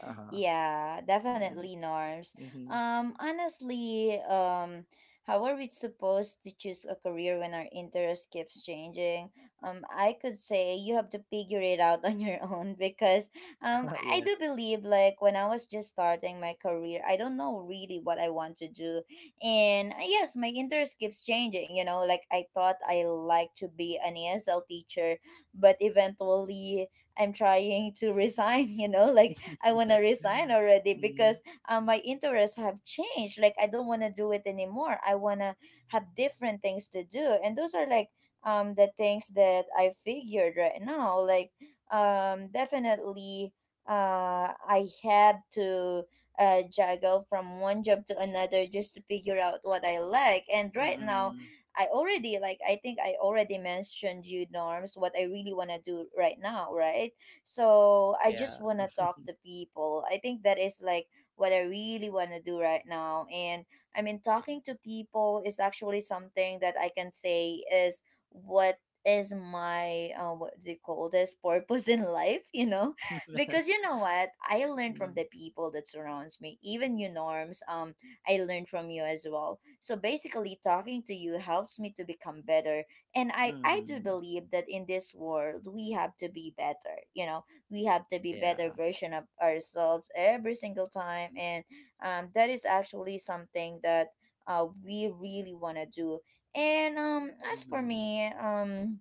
B: Uh huh.
A: Yeah, definitely, Norms.
B: Mm-hmm.
A: Honestly, how are we supposed to choose a career when our interest keeps changing? I could say you have to figure it out on your own because um, I I
B: Yeah.
A: do believe like when I was just starting my career, I don't know really what I want to do, and yes, my interest keeps changing. You know, like I thought I like to be an ESL teacher, but eventually I'm trying to resign. You know, like I want to resign already
B: Mm,
A: because my interests have changed. Like I don't want to do it anymore. I want to have different things to do, and those are like the things that I figured right now. Like definitely I had to juggle from one job to another just to figure out what I like. And right now
B: mm.
A: I think I already mentioned you, Norms, what I really want to do right now, right? So I just
B: Yeah.
A: want to talk to people. I think that is like what I really want to do right now. And I mean, talking to people is actually something that I can say is what is my, what they call this, purpose in life. Because you know what I learned from
B: Mm-hmm.
A: the people that surrounds me, even you Norms, I learned from you as well. So basically, talking to you helps me to become better, and I do believe that in this world, we have to be better. You know, we have to be better
B: Yeah.
A: version of ourselves every single time. And that is actually something that we really want to do. And as for me,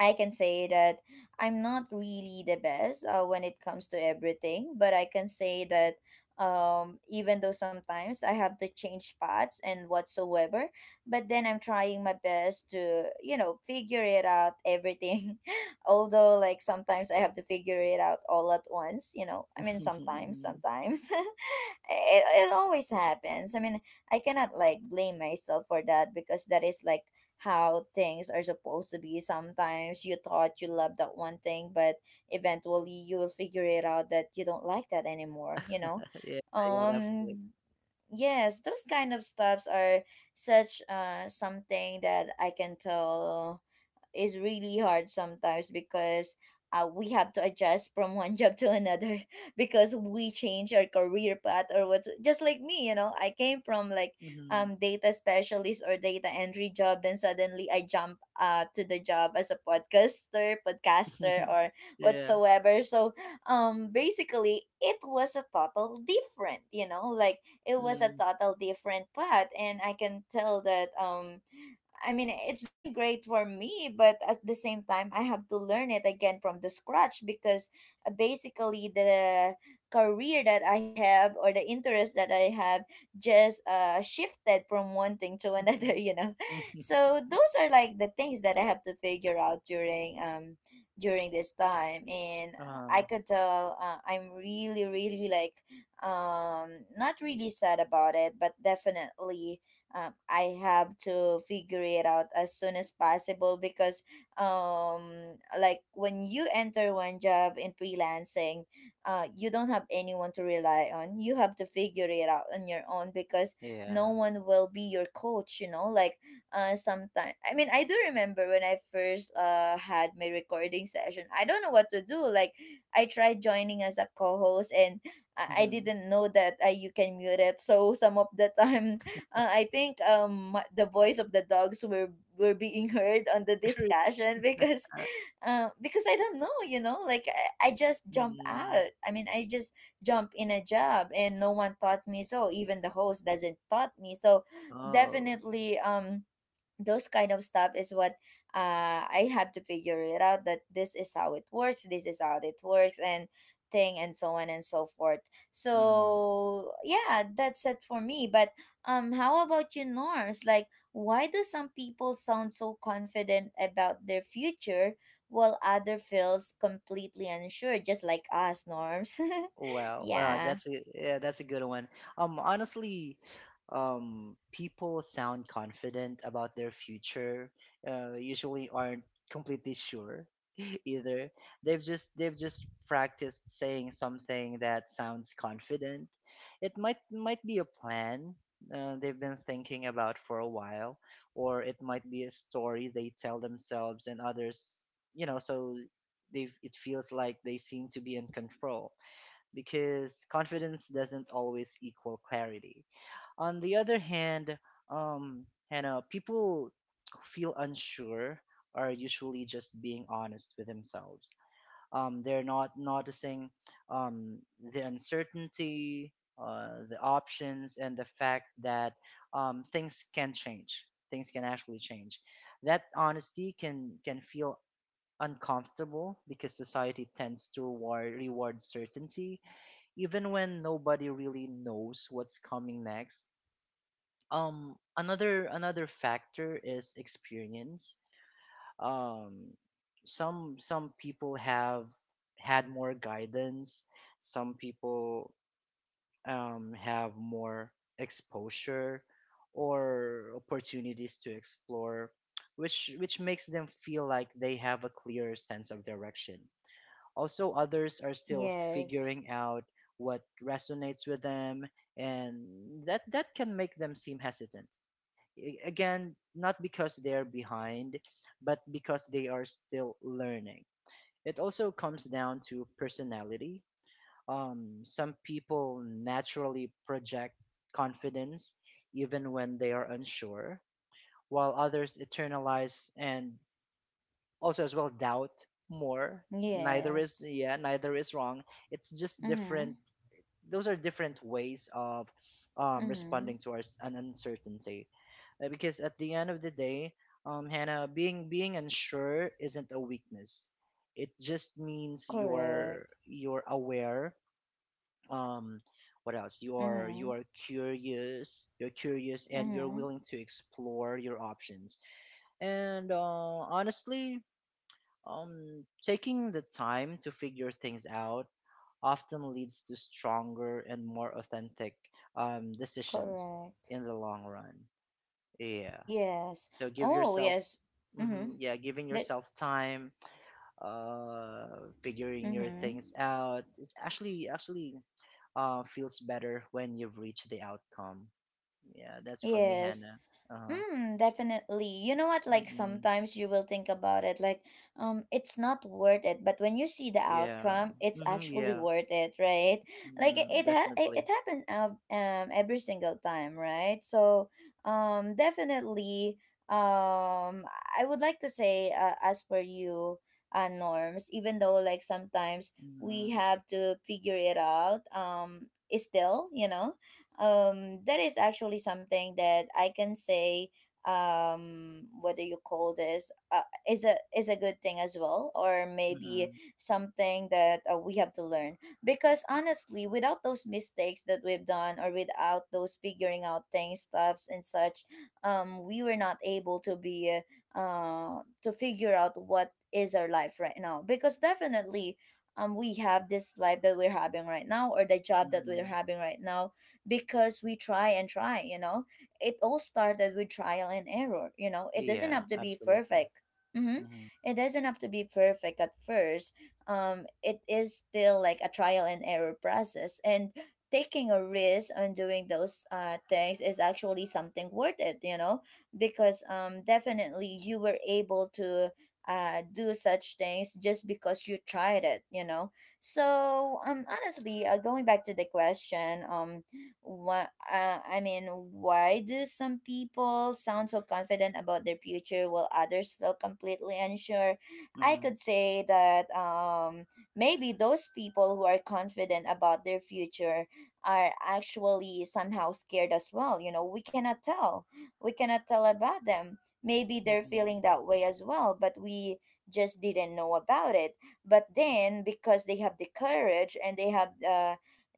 A: I can say that I'm not really the best when it comes to everything, but I can say that even though sometimes I have to change paths and whatsoever, but then I'm trying my best to, figure it out everything. Although, like, sometimes I have to figure it out all at once, I mean, sometimes,
B: Mm-hmm.
A: sometimes. It always happens. I mean, I cannot, like, blame myself for that, because that is, like, how things are supposed to be. Sometimes you thought you loved that one thing, but eventually you will figure it out that you don't like that anymore, you know?
B: Yeah, yeah, definitely.
A: Um yes, those kind of stuffs are such something that I can tell is really hard sometimes, because we have to adjust from one job to another because we change our career path, or what's just like me, I came from, like,
B: Mm-hmm.
A: data specialist or data entry job. Then suddenly I jump to the job as a podcaster or
B: Yeah.
A: whatsoever. So basically, it was a
B: Mm-mm.
A: total different path. And I can tell that I mean, it's doing great for me, but at the same time, I have to learn it again from the scratch, because basically the career that I have or the interest that I have just shifted from one thing to another.
B: Mm-hmm.
A: So those are like the things that I have to figure out during this time, and I
B: Uh,
A: could tell I'm really really like not really sad about it, but definitely I have to figure it out as soon as possible, because like when you enter one job in freelancing, you don't have anyone to rely on. You have to figure it out on your own, because no
B: yeah.
A: one will be your coach, you know? Like, sometime, I mean, I do remember when I first had my recording session. I don't know what to do. Like, I tried joining as a co-host, and I
B: Mm-hmm.
A: didn't know that you can mute it. So some of the time, I think the voice of the dogs were being heard on the discussion, because I don't know, you know, like I just jump
B: Mm-hmm.
A: out. I mean, I just jump in a job and no one taught me so. Even the host doesn't taught me. So
B: Oh.
A: definitely, those kind of stuff is what I have to figure it out, that this is how it works, this is how it works, and thing and so on and so forth.
B: Mm-hmm.
A: So yeah, that's it for me. But how about you, Norms? Like, why do some people sound so confident about their future while other feels completely unsure, just like us, Norms?
B: Wow,
A: Yeah.
B: that's a yeah, that's a good one. Honestly, people sound confident about their future. Usually aren't completely sure either. They've just practiced saying something that sounds confident. It might be a plan they've been thinking about for a while, or it might be a story they tell themselves and others, you know. So they, it feels like they seem to be in control, because confidence doesn't always equal clarity. On the other hand, Hannah, people who feel unsure are usually just being honest with themselves. They're not noticing um, the uncertainty, the options, and the fact that things can change. Things can actually change. That honesty can feel uncomfortable because society tends to reward certainty, even when nobody really knows what's coming next. Another factor is experience. Um, some people have had more guidance. Some people have more exposure or opportunities to explore, which makes them feel like they have a clear sense of direction. Also, others are still
A: Yes.
B: figuring out what resonates with them, and that can make them seem hesitant. Again, not because they're behind, but because they are still learning. It also comes down to personality. Some people naturally project confidence even when they are unsure, while others internalize and also as well doubt more. Neither is
A: Yes.
B: Yeah, neither is wrong, it's just
A: Mm-hmm.
B: different. Those are different ways of
A: Mm-hmm.
B: responding to an uncertainty. Because at the end of the day, Hannah, being unsure isn't a weakness. It just means
A: Correct.
B: you're aware um what else you are,
A: Mm-hmm.
B: you are curious, you're curious, and you're
A: Mm-hmm.
B: willing to explore your options. And honestly, taking the time to figure things out often leads to stronger and more authentic decisions
A: Correct.
B: in the long run. Yeah.
A: Yes.
B: So give
A: Oh,
B: yourself,
A: yes. Mm-hmm.
B: mhm, yeah, giving
A: That.
B: yourself time, uh, figuring your
A: Mm-hmm.
B: things out. It's actually feels better when you've reached the outcome. Yeah, that's for me,
A: Yes.
B: Hannah. Uh,
A: Mm, definitely. You know what? Like
B: mm
A: sometimes you will think about it, like, it's not worth it. But when you see the
B: yeah.
A: outcome, it's actually
B: Yeah.
A: worth it, right? Like it
B: Mm,
A: it, ha- it, it
B: definitely.
A: happened every single time, right? So, definitely, um, I would like to say, as per you, Norms. Even though, like, sometimes we
B: Mm-hmm.
A: have to figure it out, is still, you know, that is actually something that I can say, what do you call this, is a good thing as well, or maybe
B: Mm-hmm.
A: something that we have to learn, because honestly, without those mistakes that we've done or without those figuring out things, steps and such, we were not able to be to figure out what is our life right now, because definitely we have this life that we're having right now, or the job that we're
B: Mhm.
A: having right now, because we try and try, you know? It all started with trial and error, you know? It doesn't
B: Yeah,
A: have to be
B: absolutely.
A: perfect. Mm-hmm.
B: Mhm.
A: It doesn't have to be perfect at first. It is still like a trial and error process. And taking a risk on doing those things is actually something worth it, you know? Because definitely, you were able to do such things just because you tried it, you know? So, honestly, going back to the question, why, I mean, why do some people sound so confident about their future while others feel completely unsure? I
B: Mhm.
A: could say that maybe those people who are confident about their future are actually somehow scared as well. You know, we cannot tell. We cannot tell about them. Maybe they're
B: Mhm.
A: feeling that way as well, but we just didn't know about it. But then, because they have the courage and they have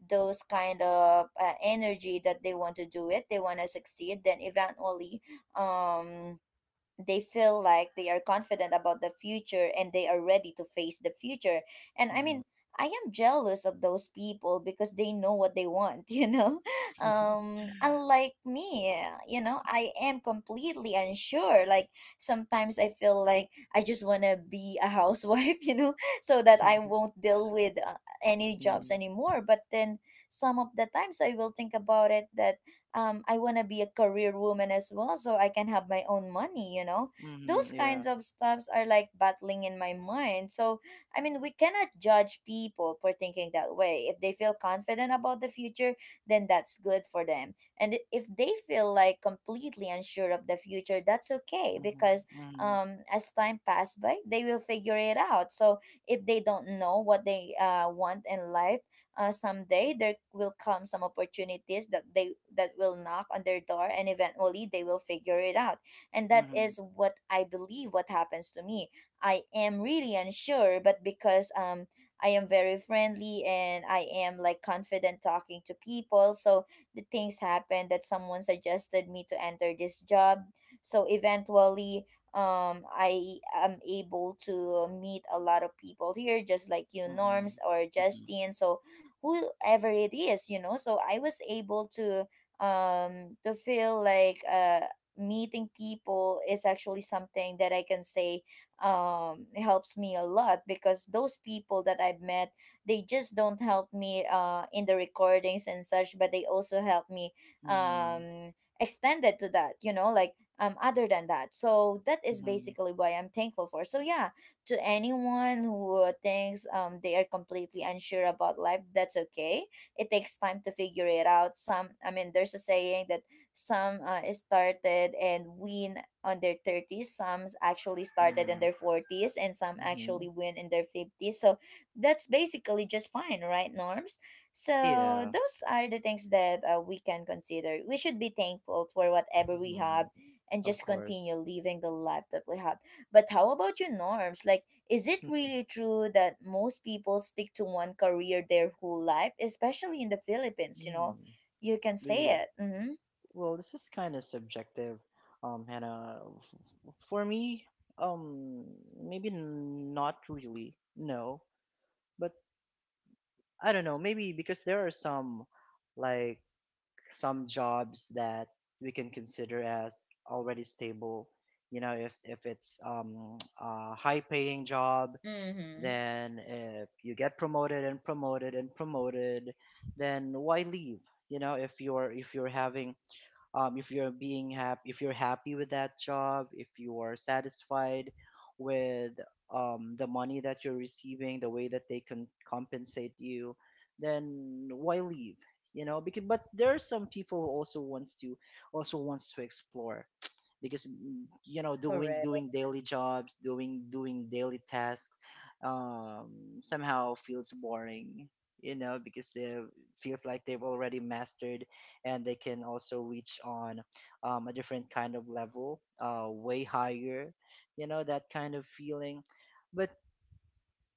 A: those kind of energy, that they want to do it, they want to succeed, then eventually, um they feel like they are confident about the future, and they are ready to face the future. And I
B: Mhm.
A: mean, I am jealous of those people because they know what they want, you know? Unlike me, I am completely unsure. Like sometimes I feel like I just want to be a housewife, so that I won't deal with any jobs
B: Mhm.
A: anymore. But then some of the times I will think about it, that I want to be a career woman as well, so I can have my own money.
B: Mhm.
A: Those
B: Yeah.
A: kinds of stuffs are like battling in my mind, so I mean, we cannot judge people for thinking that way. If they feel confident about the future, then that's good for them, and if they feel like completely unsure of the future, that's okay,
B: Mhm.
A: because
B: Mhm.
A: as time passes by, they will figure it out. So if they don't know what they want in life, someday there will come some opportunities that will knock on their door, and eventually they will figure it out. And that is what I believe what happens to me. I am really unsure, but because I am very friendly, and I am, like, confident talking to people. So the things happened that someone suggested me to enter this job, so eventually, I am able to meet a lot of people here, just like you, Norms,
B: Mhm.
A: or
B: Mhm.
A: Justine, so whoever it is. So I was able to feel like meeting people is actually something that I can say helps me a lot, because those people that I've met, they just don't help me in the recordings and such, but they also help me
B: Mhm.
A: um extended to that, you know, like, other than that. So that is
B: Mhm. Mhm.
A: basically why I'm thankful for. So yeah, to anyone who thinks they are completely unsure about life, that's okay. It takes time to figure it out. Some, I mean, there's a saying that some started and win on their 30s, some actually started in
B: Mhm.
A: their 40s, and some
B: Mhm.
A: actually win in their 50s. So that's basically just fine, right, Norms? So
B: Yeah.
A: those are the things that we can consider. We should be thankful for whatever we have,
B: Mhm.
A: and
B: Of
A: just continue
B: course.
A: living the life that we have. But how about your, Norms? Like, is it really true that most people stick to one career their whole life, especially in the Philippines? You know,
B: Mm.
A: you can
B: Yeah.
A: say it. Mm-hmm.
B: Well, this is kind of subjective, Hannah. For me, um, maybe not really, no. But I don't know, maybe because there are some like some jobs that we can consider as already stable. You know, if it's a high paying job,
A: Mm-hmm.
B: then if you get promoted and promoted and promoted, then why leave? You know, if you're having if you're being happy, if you're happy with that job, if you are satisfied with the money that you're receiving, the way that they can compensate you, then why leave? You know, because but there are some people who also wants to explore because mm, you know, doing
A: Correct.
B: doing daily jobs, doing daily tasks um, somehow feels boring, you know, because they feels like they've already mastered, and they can also reach on a different kind of level way higher, you know, that kind of feeling. But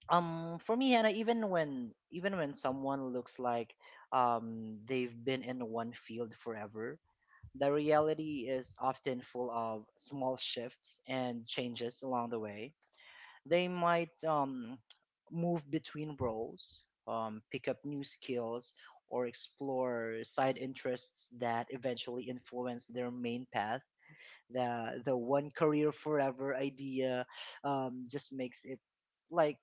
B: for me, Hannah, even when someone looks like they've been in one field forever, the reality is often full of small shifts and changes along the way. They might move between roles, pick up new skills, or explore side interests that eventually influence their main path. The one career forever idea just makes it like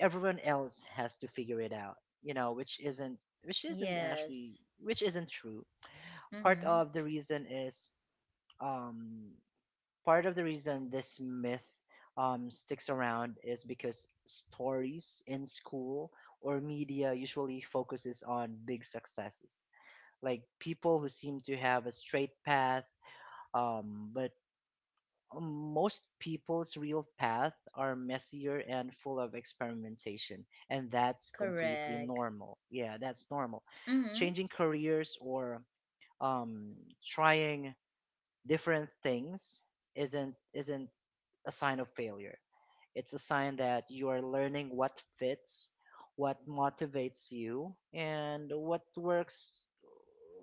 B: everyone else has to figure it out, you know, which isn't, which isn't actually,
A: Yes.
B: which isn't true. Part
A: Mm-hmm.
B: of the reason is um, part of the reason this myth sticks around is because stories in school or media usually focuses on big successes, like people who seem to have a straight path. But most people's real path are messier and full of experimentation, and that's completely
A: Correct.
B: normal. Yeah, that's normal.
A: Mm-hmm.
B: Changing careers or um, trying different things isn't a sign of failure. It's a sign that you are learning what fits, what motivates you, and what works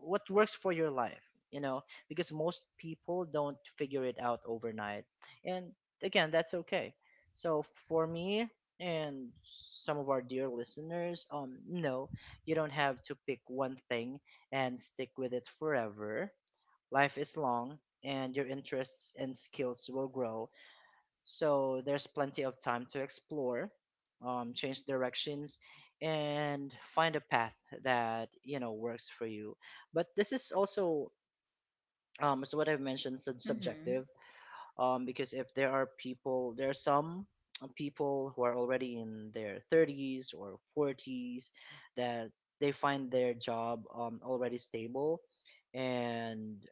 B: what works for your life, you know, because most people don't figure it out overnight. And again, that's okay. So for me and some of our dear listeners, no, you don't have to pick one thing and stick with it forever. Life is long and your interests and skills will grow, so there's plenty of time to explore, change directions, and find a path that you know works for you. But this is also so what I've mentioned,
A: Mm-hmm.
B: subjective, because if there are people, there are some people who are already in their 30s or 40s that they find their job already stable, and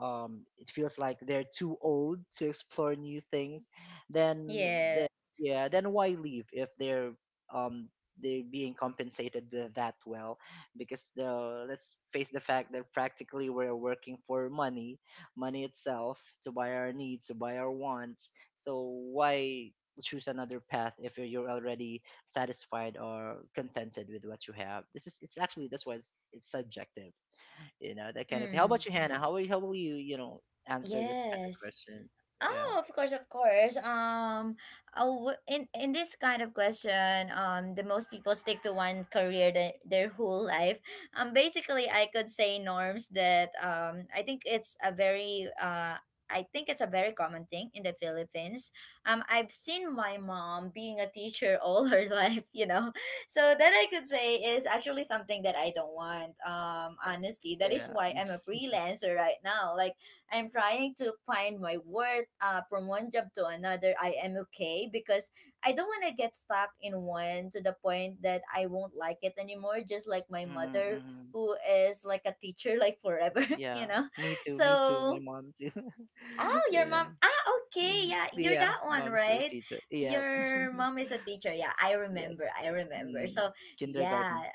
B: it feels like they're too old to explore new things, then,
A: Yes.
B: then yeah, then why leave if they're um, they're being compensated that well? Because the, let's face the fact that practically we're working for money, money itself to buy our needs, to buy our wants. So why choose another path if you're already satisfied or contented with what you have? This is, it's actually that's why it's subjective, you know, that kind of thing. How
A: Mm.
B: about you, Hannah? How will you, you know, answer this kind of
A: Yes.
B: question? Yeah,
A: Oh, of course, of course. Uh, in this kind of question, the most people stick to one career, their whole life. Basically, I could say, Norms, that I think it's a very common thing in the Philippines. I've seen my mom being a teacher all her life. So that I could say is actually something that I don't want. Honestly, that is
B: yeah,
A: why I'm a freelancer right now. Like, I'm trying to find my worth from one job to another. I am okay because I don't want to get stuck in one to the point that I won't like it anymore, just like my
B: mm-hmm,
A: mother
B: mm-hmm.
A: who is like a teacher like forever, you
B: Yeah.
A: know.
B: Me too, me too. My
A: So
B: mom too.
A: oh, your
B: Yeah,
A: mom. Ah, okay.
B: mhm.
A: Yeah, you're
B: Yeah.
A: that one,
B: Mom's a
A: right?
B: teacher. Yeah,
A: Your mom is a teacher. Yeah, I
B: yeah.
A: remember. I remember.
B: Mm.
A: So,
B: Kindergarten.
A: yeah.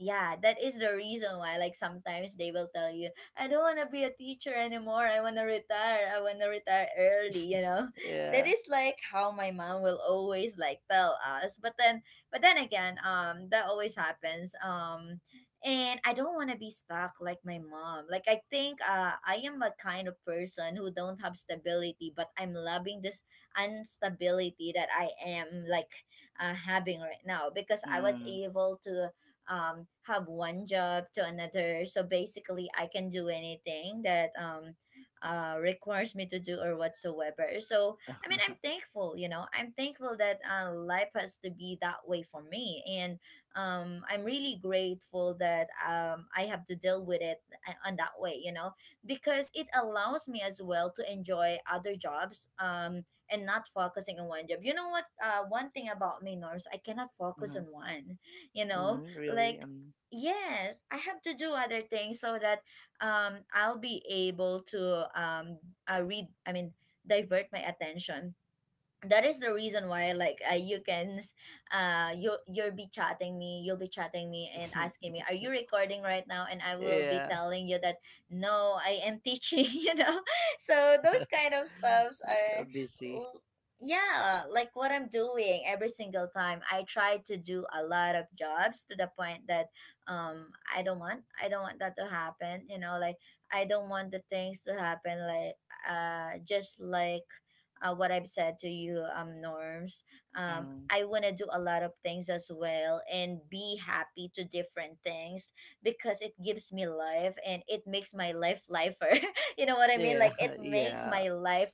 A: Yeah, that is the reason why like sometimes they will tell you, "I don't want to be a teacher anymore. I want to retire. I want to retire early," you know? That
B: Yeah.
A: is like how my mom will always like tell us. But then again, that always happens. And I don't want to be stuck like my mom. Like I think I am a kind of person who don't have stability, but I'm loving this instability that I am like having right now because I was
B: Mm.
A: able to have one job to another. So basically I can do anything that requires me to do or whatsoever. So I mean I'm thankful, you know, I'm thankful that life has to be that way for me. And I'm really grateful that I have to deal with it on that way, you know, because it allows me as well to enjoy other jobs, and not focusing on one job. You know what, one thing about me, Norms, I cannot focus on
B: hmm
A: one, you know,
B: hmm. Really?
A: like, yes, I have to do other things so that I'll be able to read I mean divert my attention. That is the reason why, like, you can you, you'll be chatting me, you'll be chatting me and asking me, "Are you recording right now?" and I will be
B: Yeah.
A: telling you that no, I am teaching. You know, so those kind of stuffs are
B: Busy.
A: l- yeah, like what I'm doing every single time. I try to do a lot of jobs to the point that I don't want that to happen, you know, like I don't want the things to happen like just like what I've said to you, Norms.
B: hmm
A: I want to do a lot of things as well and be happy to different things because it gives me life and it makes my life lifer. You know what I mean?
B: Yeah.
A: Like it makes
B: Yeah.
A: my life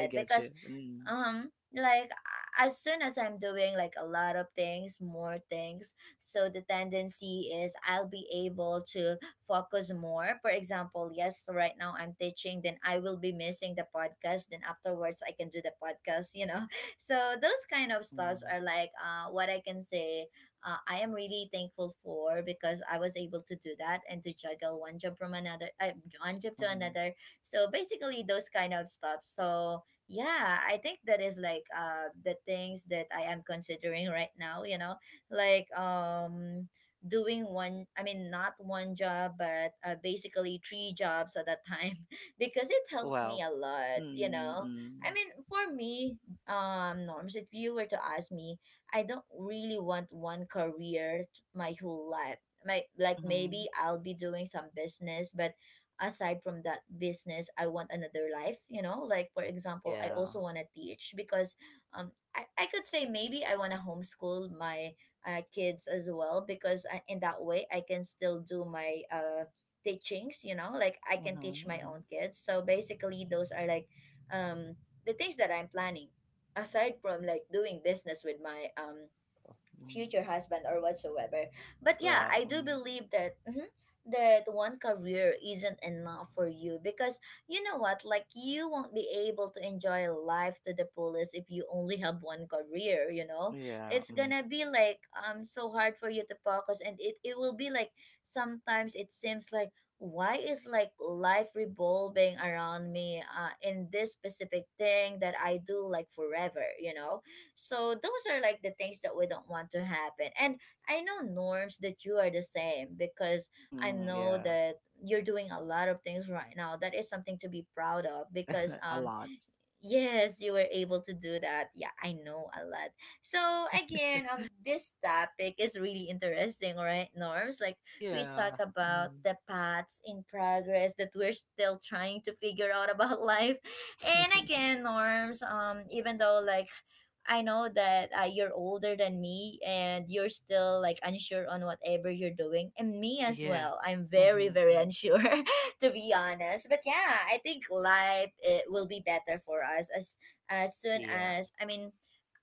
B: I get you.
A: because
B: Mm.
A: um like a- as soon as I'm doing like a lot of things, more things, so the tendency is I'll be able to focus more. For example, yes, right now I'm teaching, then I will be missing the podcast, then afterwards I can do the podcast, you know. So those kind of stuffs
B: Mm.
A: are like what I can say I am really thankful for because I was able to do that and to juggle one job to
B: hmm
A: another. So basically those kind of stuff. So yeah, I think that is like the things that I am considering right now, you know, like, doing one I mean not one job but basically three jobs at a time. Because it helps
B: Wow.
A: me a lot, you know. I
B: Mm-hmm.
A: mean for me, Norms, if you were to ask me, I don't really want one career my whole life. My like
B: Mm-hmm.
A: Maybe I'll be doing some business, but aside from that business I want another life, you know. Like for example, I
B: Yeah.
A: also want to teach because I could say maybe I want to homeschool my kids as well because in that way I can still do my teachings, you know, like I can
B: Mm-hmm.
A: teach my
B: Mm-hmm.
A: own kids. So basically those are like um the things that I'm planning aside from like doing business with my
B: Mm.
A: future husband or whatsoever. But yeah,
B: Well,
A: I do
B: mm,
A: believe that, mhm, that one career isn't enough for you because, you know what, like you won't be able to enjoy life to the fullest if you only have one career, you know?
B: yeah.
A: It's
B: Mm.
A: gonna be like so hard for you to focus, and it will be like sometimes it seems like why is like life revolving around me in this specific thing that I do like forever, you know? So those are like the things that we don't want to happen. And I know, Norms, that you are the same because I
B: Mm,
A: know
B: yeah.
A: that you're doing a lot of things right now. That is something to be proud of because,
B: A lot.
A: yes, you were able to do that. Yeah, I know a lot. So again, this topic is really interesting, right, Norms? Like we talk
B: Yeah.
A: about
B: Mm.
A: the paths in progress that we're still trying to figure out about life, and again, Norms. Even though like, I know that you're older than me and you're still like unsure on whatever you're doing, and me as
B: Yeah.
A: well. I'm very
B: Mm-hmm.
A: very
B: Mm-hmm.
A: unsure to be honest. But yeah, I think life it will be better for us as soon
B: Yeah.
A: as I mean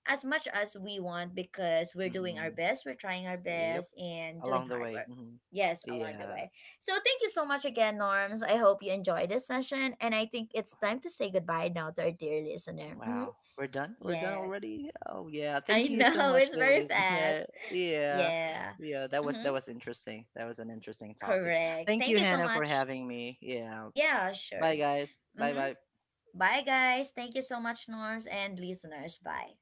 A: as much as we want because we're doing our
B: mm
A: best, we're trying our
B: Yep.
A: best and doing
B: Along the
A: hard
B: way.
A: work. Yes, along the
B: Yeah.
A: way. So thank you so much again, Norms. I hope you enjoyed this session and I think it's time to say goodbye now to our dear listener. Mm-hmm.
B: Wow. We're done? We're done
A: Yes.
B: already? Oh yeah.
A: I
B: Thank you so
A: know
B: much,
A: it's
B: dear
A: very
B: listener.
A: fast.
B: Yeah.
A: Yeah.
B: Yeah,
A: Mm-hmm.
B: that was interesting. That was an interesting topic.
A: Correct.
B: Thank
A: Thank
B: you,
A: you so
B: Hannah, for
A: much.
B: having me. Yeah.
A: Yeah,
B: Bye
A: sure.
B: guys. Bye
A: Mm-hmm.
B: bye.
A: Bye, guys. Thank you so much, Norms and listeners. Bye.